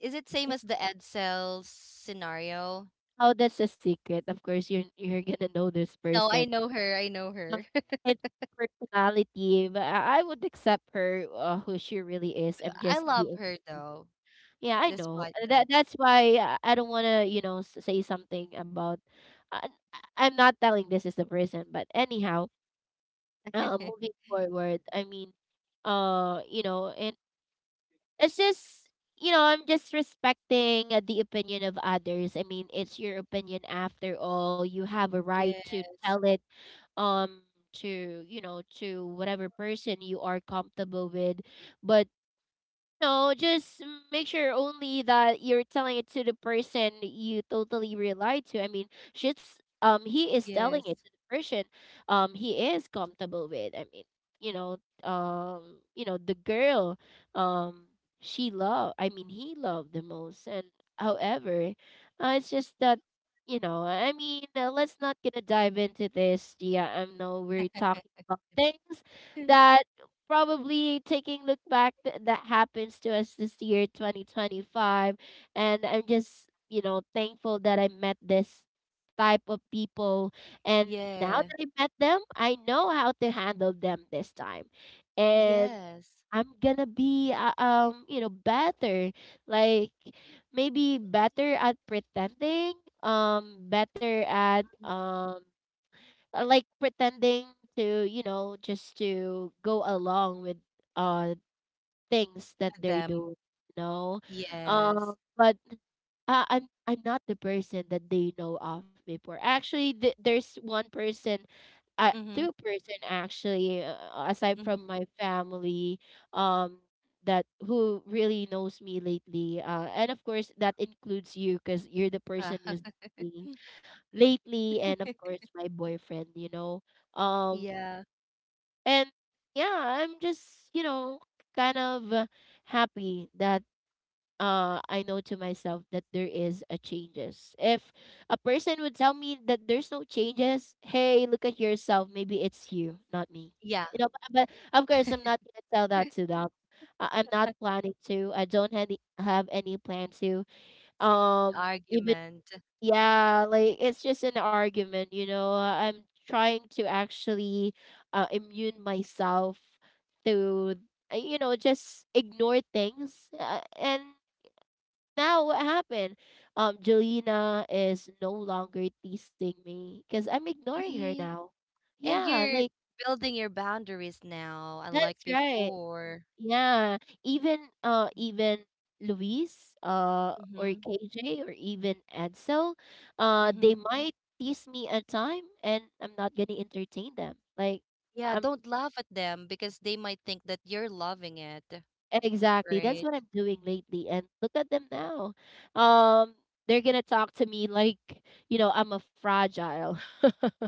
Speaker 1: is it
Speaker 2: I
Speaker 1: same as the Edsel scenario?
Speaker 2: How that's a secret? Of course, you're gonna know this
Speaker 1: No, I
Speaker 2: person.
Speaker 1: know her. I know
Speaker 2: Um,
Speaker 1: her. [laughs]
Speaker 2: It's personality, but I would accept her, who she really is. I'm
Speaker 1: I
Speaker 2: just
Speaker 1: love
Speaker 2: being.
Speaker 1: her though,
Speaker 2: Yeah, I know.
Speaker 1: despite
Speaker 2: That
Speaker 1: that.
Speaker 2: that's why, I don't wanna, you know, say something about. Uh, I'm not telling this is the person, but anyhow,
Speaker 1: [laughs]
Speaker 2: moving forward. I mean, you know, and it's just, you know, I'm just respecting, the opinion of others. I mean, it's your opinion after all, you have a right to tell
Speaker 1: Yes.
Speaker 2: it, um to, you know, to whatever person you are comfortable with. But no, just make sure only that you're telling it to the person you totally rely to. I mean, she's he is telling
Speaker 1: Yes.
Speaker 2: it to the person he is comfortable with. I mean, you know, you know, the girl um she love, I mean he loved the most. And however, it's just that, you know, I mean, let's not gonna dive into this. Yeah, I know we're talking about things
Speaker 1: [laughs]
Speaker 2: that probably taking look back that happens to us this year 2025. And I'm just, you know, thankful that I met this type of people, and now
Speaker 1: Yeah.
Speaker 2: that I met them, I know how to handle them this time. And
Speaker 1: Yes,
Speaker 2: I'm gonna be, you know, better, like, maybe better at pretending, better at, like pretending, to, you know, just to go along with uh things that
Speaker 1: with
Speaker 2: they
Speaker 1: them.
Speaker 2: do, you know.
Speaker 1: Yes.
Speaker 2: But I'm not the person that they know of before. Actually, there's one person,
Speaker 1: Mm-hmm.
Speaker 2: two-person actually, aside
Speaker 1: Mm-hmm.
Speaker 2: from my family, um that who really knows me lately, and of course that includes you, because you're the
Speaker 1: Wow.
Speaker 2: person who's me lately, and of
Speaker 1: [laughs]
Speaker 2: course my boyfriend, you know. um
Speaker 1: Yeah.
Speaker 2: and yeah, I'm just, you know, kind of, happy that, I know to myself that there is a changes. If a person would tell me that there's no changes, hey, look at yourself, maybe it's you, not me,
Speaker 1: Yeah.
Speaker 2: you know. but, but of course I'm not gonna tell that to them. I'm not planning to. I don't have any, plan to,
Speaker 1: It's gonna be an
Speaker 2: um even,
Speaker 1: argument.
Speaker 2: yeah, like it's just an argument, you know. I'm trying to actually, immune myself to, you know, just ignore things. And now what happened? Jelena is no longer teasing me because I'm ignoring her
Speaker 1: See?
Speaker 2: now.
Speaker 1: And
Speaker 2: Yeah,
Speaker 1: you're
Speaker 2: like,
Speaker 1: building your boundaries now, unlike
Speaker 2: that's right.
Speaker 1: before.
Speaker 2: Yeah, even even Luis, or
Speaker 1: Mm-hmm.
Speaker 2: KJ, or even Edsel, they
Speaker 1: Mm-hmm.
Speaker 2: might tease me at time, and I'm not gonna entertain them. Like,
Speaker 1: Yeah,
Speaker 2: I'm
Speaker 1: don't laugh at them because they might think that you're loving it,
Speaker 2: Exactly. That's
Speaker 1: right?
Speaker 2: what I'm doing lately. And look at them now. Um, they're gonna talk to me like, you know, I'm a fragile. [laughs]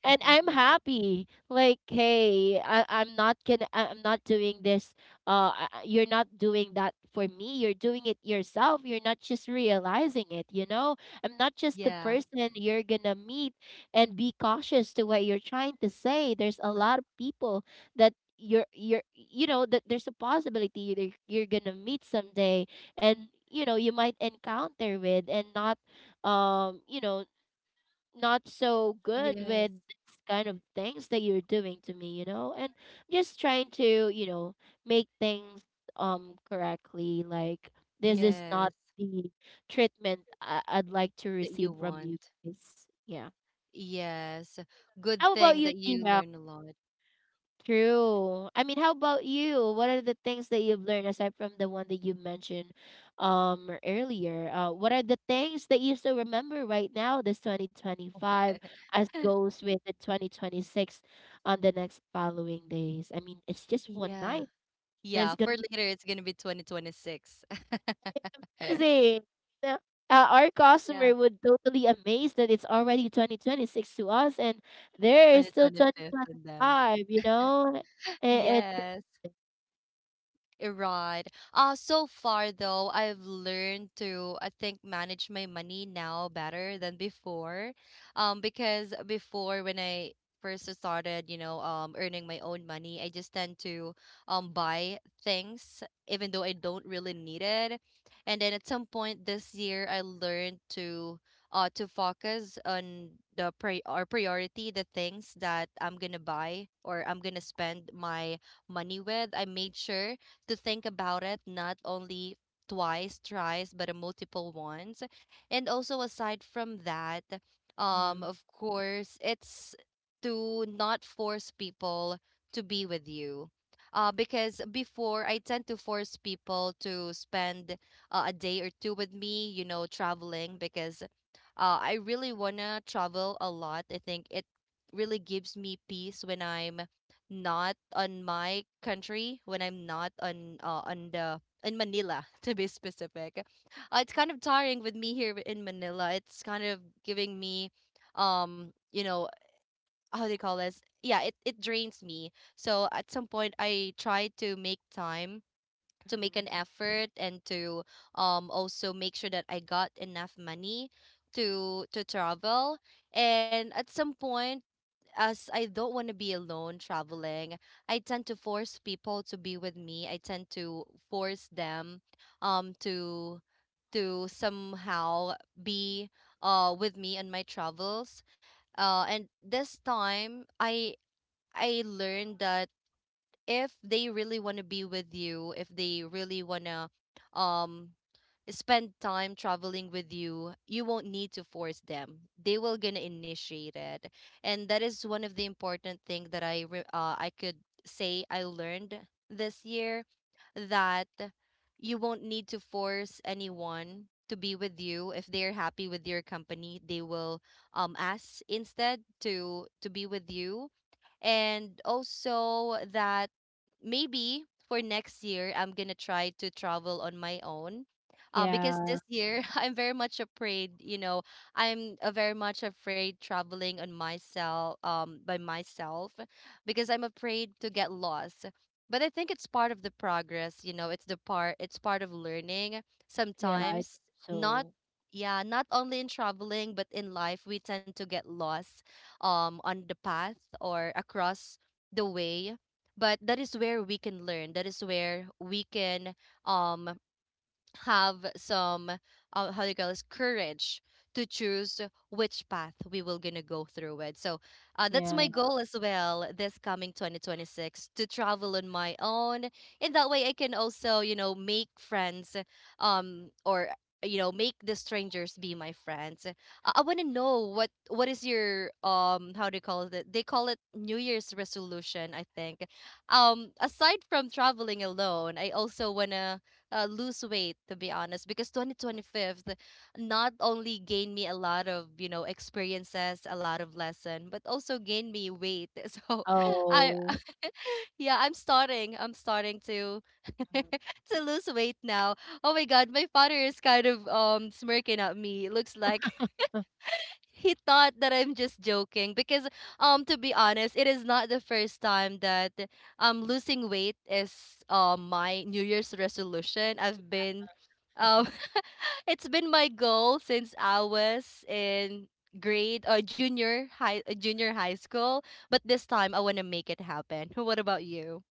Speaker 2: And I'm happy. Like, hey, I'm not gonna I'm not doing this. You're not doing that for me. You're doing it yourself. You're not just realizing it, you know? I'm not just the
Speaker 1: Yeah.
Speaker 2: person you're gonna meet and be cautious to what you're trying to say. There's a lot of people that you know that there's a possibility that you're gonna meet someday, and you know you might encounter with, and not, you know, not so good with
Speaker 1: Yes.
Speaker 2: this kind of things that you're doing to me, you know. And just trying to, you know, make things, correctly, like, this is not
Speaker 1: Yes.
Speaker 2: the treatment I'd like to
Speaker 1: That you
Speaker 2: receive from you
Speaker 1: want.
Speaker 2: guys, yeah.
Speaker 1: Yes. Good
Speaker 2: How about
Speaker 1: thing
Speaker 2: you,
Speaker 1: that you
Speaker 2: Gia?
Speaker 1: learn a lot.
Speaker 2: True. I mean, how about you? What are the things that you've learned aside from the one that you mentioned, earlier? What are the things that you still remember right now, this 2025, as
Speaker 1: [laughs]
Speaker 2: goes with the 2026 on the next following days? I mean, it's just one
Speaker 1: Yeah.
Speaker 2: night. And it's
Speaker 1: Yeah, for
Speaker 2: gonna be
Speaker 1: later it's gonna be 2026. [laughs]
Speaker 2: amazing. Yeah. Our
Speaker 1: Yeah,
Speaker 2: customer would totally amazed that it's already 2026 to us, and there is still
Speaker 1: 2025 and them.
Speaker 2: 2025. You know, it's
Speaker 1: Yes. Right. So far though, I've learned to, I think, manage my money now better than before. Because before when I first started, you know, earning my own money, I just tend to buy things even though I don't really need it. And then at some point this year, I learned to focus on the priority, the things that I'm gonna buy or I'm gonna spend my money with. I made sure to think about it not only twice, thrice, but a multiple ones. And also aside from that,
Speaker 2: Mm-hmm.
Speaker 1: of course, it's to not force people to be with you. Because before I tend to force people to spend a day or two with me, traveling because I really wanna travel a lot. I think it really gives me peace when I'm not on my country, when I'm not on on the in Manila [laughs] to be specific. It's kind of tiring with me here in Manila. It's kind of giving me, um, you know, how do you call this? Yeah, it drains me. So at some point, I try to make time to make
Speaker 2: mm-hmm.
Speaker 1: an effort and to also make sure that I got enough money to travel. And at some point, as I don't want to be alone traveling, I tend to force people to be with me. I tend to force them um to to somehow be with me on my travels. And this time I learned that if they really want to be with you, if they really want to um spend time traveling with you, you won't need to force them. They will gonna initiate it. And that is one of the important thing that I could say I learned this year that you won't need to force anyone to be with you. If they're happy with your company, they will ask instead to be with you, and also that maybe for next year I'm gonna try to travel on my own. Because this
Speaker 2: Yeah,
Speaker 1: year [laughs] I'm very much afraid, you know, I'm very much afraid traveling on myself, by myself, because I'm afraid to get lost. But I think it's part of the progress, you know, it's it's part of learning.
Speaker 2: yeah, I think
Speaker 1: Sometimes, not,
Speaker 2: so.
Speaker 1: yeah, not only in traveling, but in life, we tend to get lost on the path or across the way, but that is where we can learn, that is where we can um have some how do you call this, courage to choose which path we will gonna go through with. So that's
Speaker 2: Yeah.
Speaker 1: my goal as well this coming 2026, to travel on my own. In that way I can also, you know, make friends, or you know, make the strangers be my friends. I want to know what is your how do you call it, they call it New Year's resolution I think. Aside from traveling alone, I also want to lose weight, to be honest, because 2025 not only gained me a lot of, you know, experiences, a lot of lesson, but also gained me weight [laughs] so I
Speaker 2: Oh.
Speaker 1: [laughs] yeah, I'm starting to [laughs]
Speaker 2: mhm.
Speaker 1: to lose weight now. Oh my god, my father is kind of smirking at me. It looks like he thought that I'm just joking because, to be honest, it is not the first time that losing weight is my New Year's resolution. I've been um [laughs] it's been my goal since I was in grade or junior high school, but this time I want to make it happen. [laughs] What about you?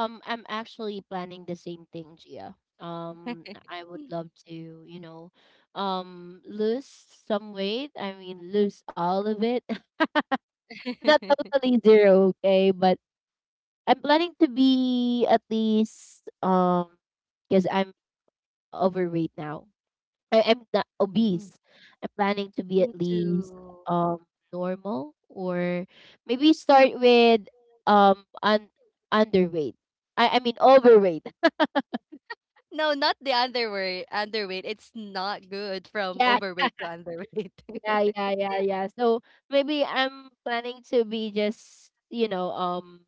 Speaker 2: I'm actually planning the same thing, Gia. I would love to, you know, lose some weight. I mean, lose all of it. [laughs] Not
Speaker 1: [laughs]
Speaker 2: totally zero, okay, but I'm planning to be at least because I'm overweight now. I am not
Speaker 1: Mm,
Speaker 2: obese. I'm planning to be
Speaker 1: me
Speaker 2: at least
Speaker 1: too.
Speaker 2: um normal, or maybe start with um un- underweight. I mean overweight. [laughs]
Speaker 1: No, not the underweight. Underweight. It's not good from
Speaker 2: Yeah,
Speaker 1: overweight to underweight.
Speaker 2: yeah,
Speaker 1: [laughs]
Speaker 2: yeah, yeah, yeah. So maybe I'm planning to be just,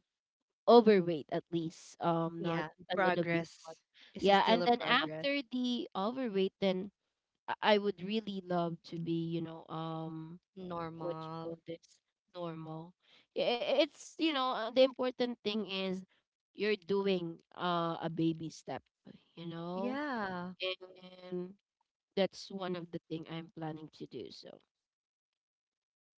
Speaker 2: overweight at least. Not
Speaker 1: Yeah,
Speaker 2: an obese one.
Speaker 1: progress. Is it
Speaker 2: Yeah,
Speaker 1: still
Speaker 2: and
Speaker 1: a
Speaker 2: then
Speaker 1: progress?
Speaker 2: after the overweight, then I would really love to be, what you
Speaker 1: Normal.
Speaker 2: call this, normal. Yeah, it's the important thing is you're doing a baby step, you know,
Speaker 1: Yeah.
Speaker 2: and that's one of the thing I'm planning to do. So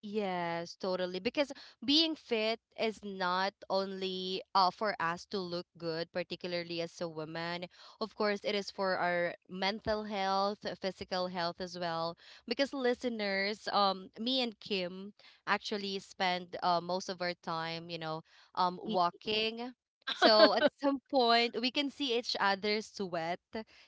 Speaker 1: Yes, totally. Because being fit is not only for us to look good, particularly as a woman. Of course, it is for our mental health, physical health as well. Because listeners, me and Kim actually spend most of our time, you know,
Speaker 2: it,
Speaker 1: walking. So at some point, we can see each other sweat,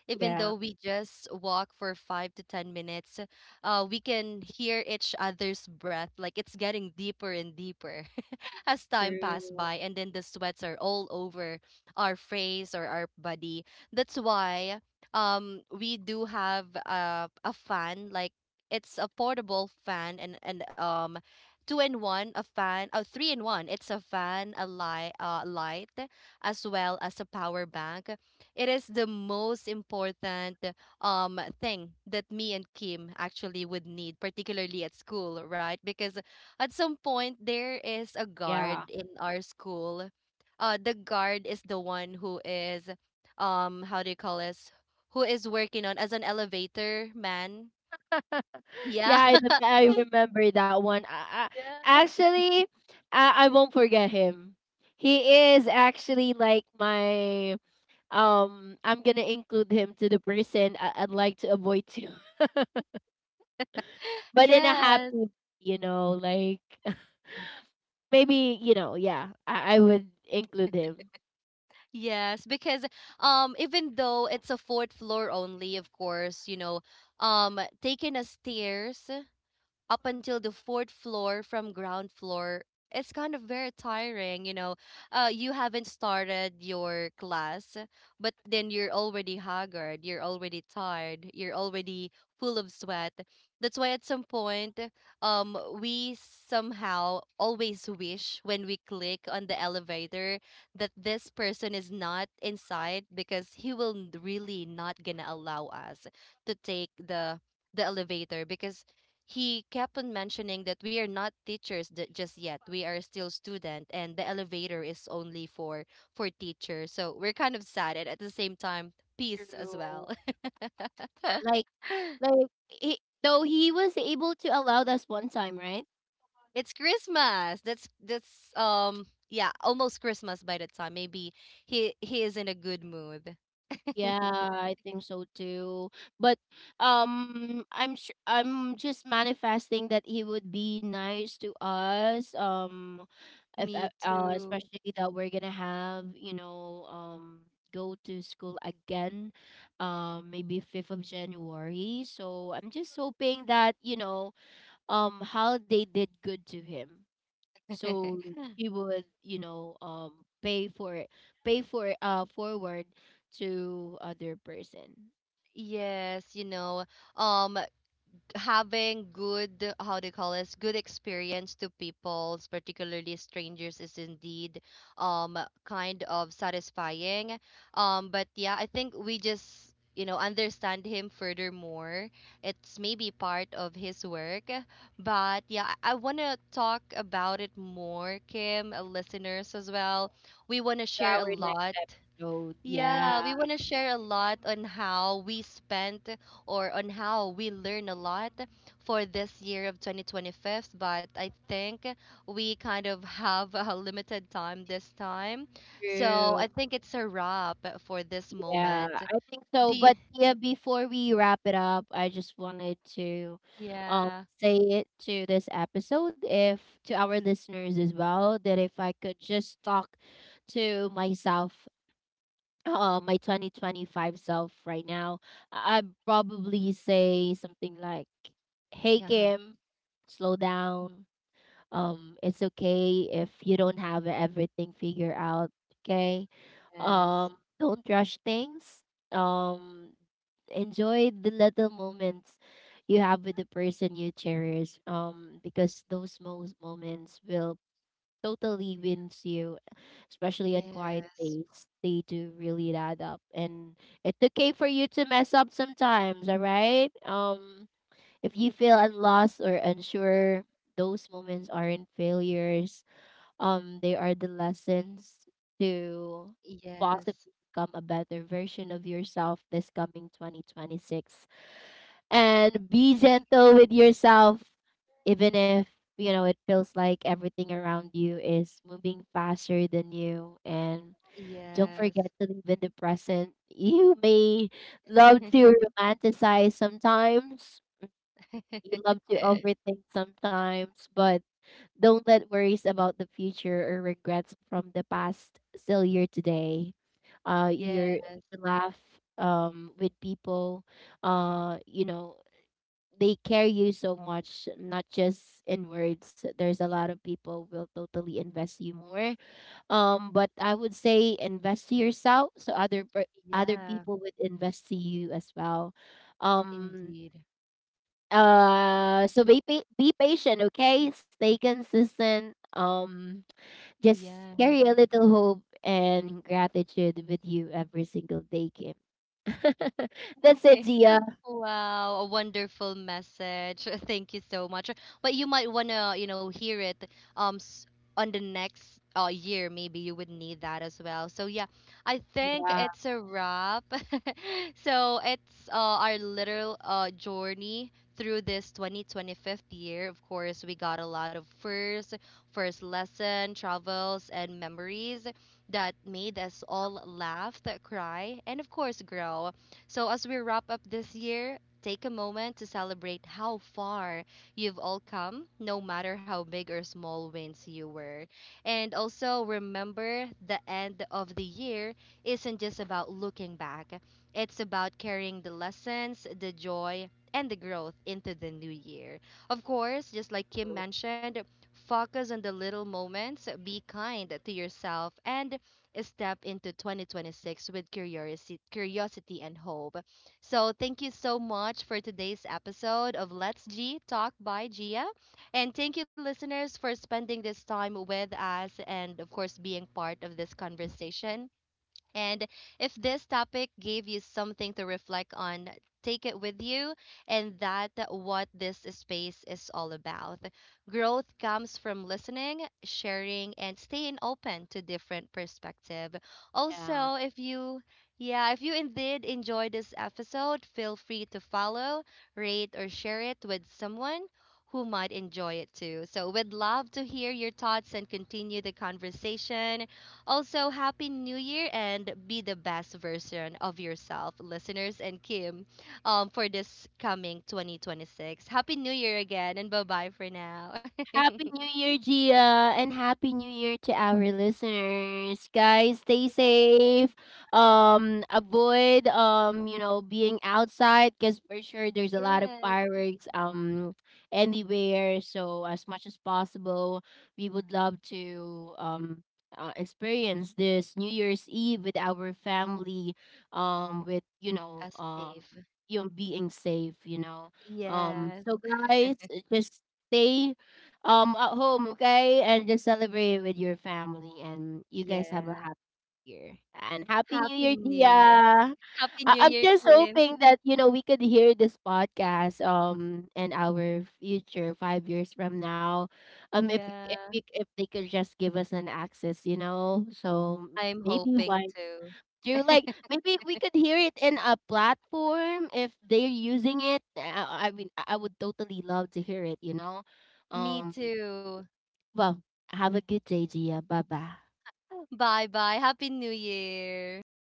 Speaker 1: even
Speaker 2: yeah,
Speaker 1: though we just walk for five to 10 minutes. Uh, we can hear each other's breath, like it's getting deeper and deeper [laughs] as time passed
Speaker 2: true,
Speaker 1: by, and then the sweats are all over our face or our body. That's why we do have a fan. Like, it's a portable fan, and two in one, a fan. Oh, three in one. It's a fan, a light, light, as well as a power bank. It is the most important thing that me and Kim actually would need, particularly at school, right? Because at some point there is a
Speaker 2: yeah.
Speaker 1: guard in our school. The guard is the one who is, how do you call this? Who is working on as an elevator man?
Speaker 2: [laughs] Yeah,
Speaker 1: Yeah. [laughs]
Speaker 2: I remember that one. I,
Speaker 1: Yeah.
Speaker 2: actually, I won't forget him. He is actually like my I'm gonna include him to the person I'd like to avoid to, but in a
Speaker 1: Yes,
Speaker 2: happy, you know, like, [laughs] maybe you know, yeah, I would include him.
Speaker 1: yes, because even though it's a fourth floor only, of course, you know, taking a stairs up until the fourth floor from ground floor, it's kind of very tiring, you know. You haven't started your class, but then you're already haggard, you're already tired, you're already full of sweat. That's why at some point we somehow always wish when we click on the elevator that this person is not inside, because he will really not gonna allow us to take the elevator, because he kept on mentioning that we are not teachers just yet, we are still student, and the elevator is only for teachers. So we're kind of sad, and at the same time peace as
Speaker 2: True.
Speaker 1: well. [laughs]
Speaker 2: Like, like he, though he was able to allow us one time, right?
Speaker 1: It's Christmas, that's yeah, almost Christmas by the time. Maybe he is in a good mood.
Speaker 2: Yeah,
Speaker 1: [laughs]
Speaker 2: I think so too. But I'm sure I'm just manifesting that he would be nice to us. If
Speaker 1: Me too.
Speaker 2: especially that we're gonna have go to school again maybe 5th of january, so I'm just hoping that holiday did good to him, so
Speaker 1: [laughs]
Speaker 2: he would pay for it, pay for forward to other person.
Speaker 1: Yes, you know, um having good, how do you call this, good experience to people, particularly strangers, is indeed um kind of satisfying. But yeah, I think we just, you know, understand him furthermore. It's maybe part of his work. But yeah, I want to talk about it more, Kim, listeners as well. We want to
Speaker 2: To
Speaker 1: share a
Speaker 2: our next
Speaker 1: lot.
Speaker 2: episode,
Speaker 1: Yeah,
Speaker 2: yeah.
Speaker 1: we want to share a lot on how we spent, or on how we learn a lot for this year of 2025, but I think we kind of have a limited time this time. So I
Speaker 2: True.
Speaker 1: think it's a wrap for this
Speaker 2: Yeah,
Speaker 1: moment.
Speaker 2: I think so.
Speaker 1: The
Speaker 2: But yeah, before we wrap it up, I just wanted to um
Speaker 1: Yeah,
Speaker 2: say it to this episode, if to our listeners as well, that if I could just talk to myself, my 2025 self right now, I'd probably say something like, "Hey
Speaker 1: yeah, huh,
Speaker 2: Kim, slow down. It's okay if you don't have everything figured out. Okay.
Speaker 1: yes,
Speaker 2: Don't rush things. Um, enjoy the little moments you have with the person you cherish, because those most moments will totally wins you, especially on quiet
Speaker 1: yes,
Speaker 2: days. They do really add up, and it's okay for you to mess up sometimes. All right. If you feel unlost or unsure, those moments aren't failures. They are the lessons to possibly
Speaker 1: yes,
Speaker 2: become a better version of yourself this coming 2026. And be gentle with yourself, even if you know it feels like everything around you is moving faster than you. And don't
Speaker 1: yes,
Speaker 2: forget to live in the present. You may love to romanticize sometimes, you love to
Speaker 1: [laughs]
Speaker 2: overthink sometimes, but don't let worries about the future or regrets from the past still your today.
Speaker 1: yeah,
Speaker 2: Your you laugh with people. You know, they carry you so much, not just in words. There's a lot of people will totally invest you more. But I would say invest to yourself, so other
Speaker 1: yeah,
Speaker 2: people would invest to you as well. Um
Speaker 1: indeed,
Speaker 2: so be patient, okay? Stay consistent. Just carry
Speaker 1: yes.
Speaker 2: a little hope and gratitude with you every single day, Kim. [laughs] That's it,
Speaker 1: [laughs]
Speaker 2: Gia.
Speaker 1: Wow, a wonderful message. [laughs] Thank you so much. But you might wanna, you know, hear it um s- on the next year. Maybe you would need that as well. So yeah, I think
Speaker 2: Yeah,
Speaker 1: it's a wrap. [laughs] So it's our literal journey through this 2025 year. Of course, we got a lot of first lesson, travels and memories that made us all laugh, cry, and of course grow. So, as we wrap up this year, take a moment to celebrate how far you've all come, no matter how big or small wins you were. And also remember, the end of the year isn't just about looking back, it's about carrying the lessons, the joy, and the growth into the new year. Of course, just like Kim mentioned, focus on the little moments, be kind to yourself, and step into 2026 with curiosity and hope. So, thank you so much for today's episode of Let's G Talk by Gia. And thank you, listeners, for spending this time with us and, of course, being part of this conversation. And if this topic gave you something to reflect on, take it with you. And that what this space is all about. Growth comes from listening, sharing, and staying open to different perspective.
Speaker 2: yeah.
Speaker 1: Also, if you yeah, if you indeed enjoyed this episode, feel free to follow, rate, or share it with someone who might enjoy it too. So, we'd love to hear your thoughts and continue the conversation. Also, Happy New Year, and be the best version of yourself, listeners and Kim, for this coming 2026. Happy New Year again, and bye bye for now. [laughs]
Speaker 2: Happy New Year, Gia, and Happy New Year to our listeners. Guys, stay safe. Avoid being outside because for sure there's a lot of
Speaker 1: Yes,
Speaker 2: fireworks anywhere. So as much as possible, we would love to experience this New Year's Eve with our family. With
Speaker 1: as safe.
Speaker 2: being safe. You know. Um.
Speaker 1: Yes,
Speaker 2: So guys, just stay at home, okay? And just celebrate it with your family, and you guys have a
Speaker 1: yeah.
Speaker 2: happy year. And happy new
Speaker 1: Happy
Speaker 2: year, Dia.
Speaker 1: New Year. Happy
Speaker 2: I-
Speaker 1: New
Speaker 2: I'm
Speaker 1: Year,
Speaker 2: just
Speaker 1: Kim.
Speaker 2: hoping that you know we could hear this podcast in our future 5 years from now.
Speaker 1: Yeah,
Speaker 2: If they could just give us an access, you know. So
Speaker 1: I'm
Speaker 2: maybe
Speaker 1: hoping
Speaker 2: why
Speaker 1: to.
Speaker 2: do like,
Speaker 1: [laughs]
Speaker 2: maybe we could hear it in a platform if they're using it. I mean I would totally love to hear it, you know.
Speaker 1: Me
Speaker 2: Um
Speaker 1: too.
Speaker 2: well, have a good day, Gia. Bye bye.
Speaker 1: Bye bye. Happy New Year.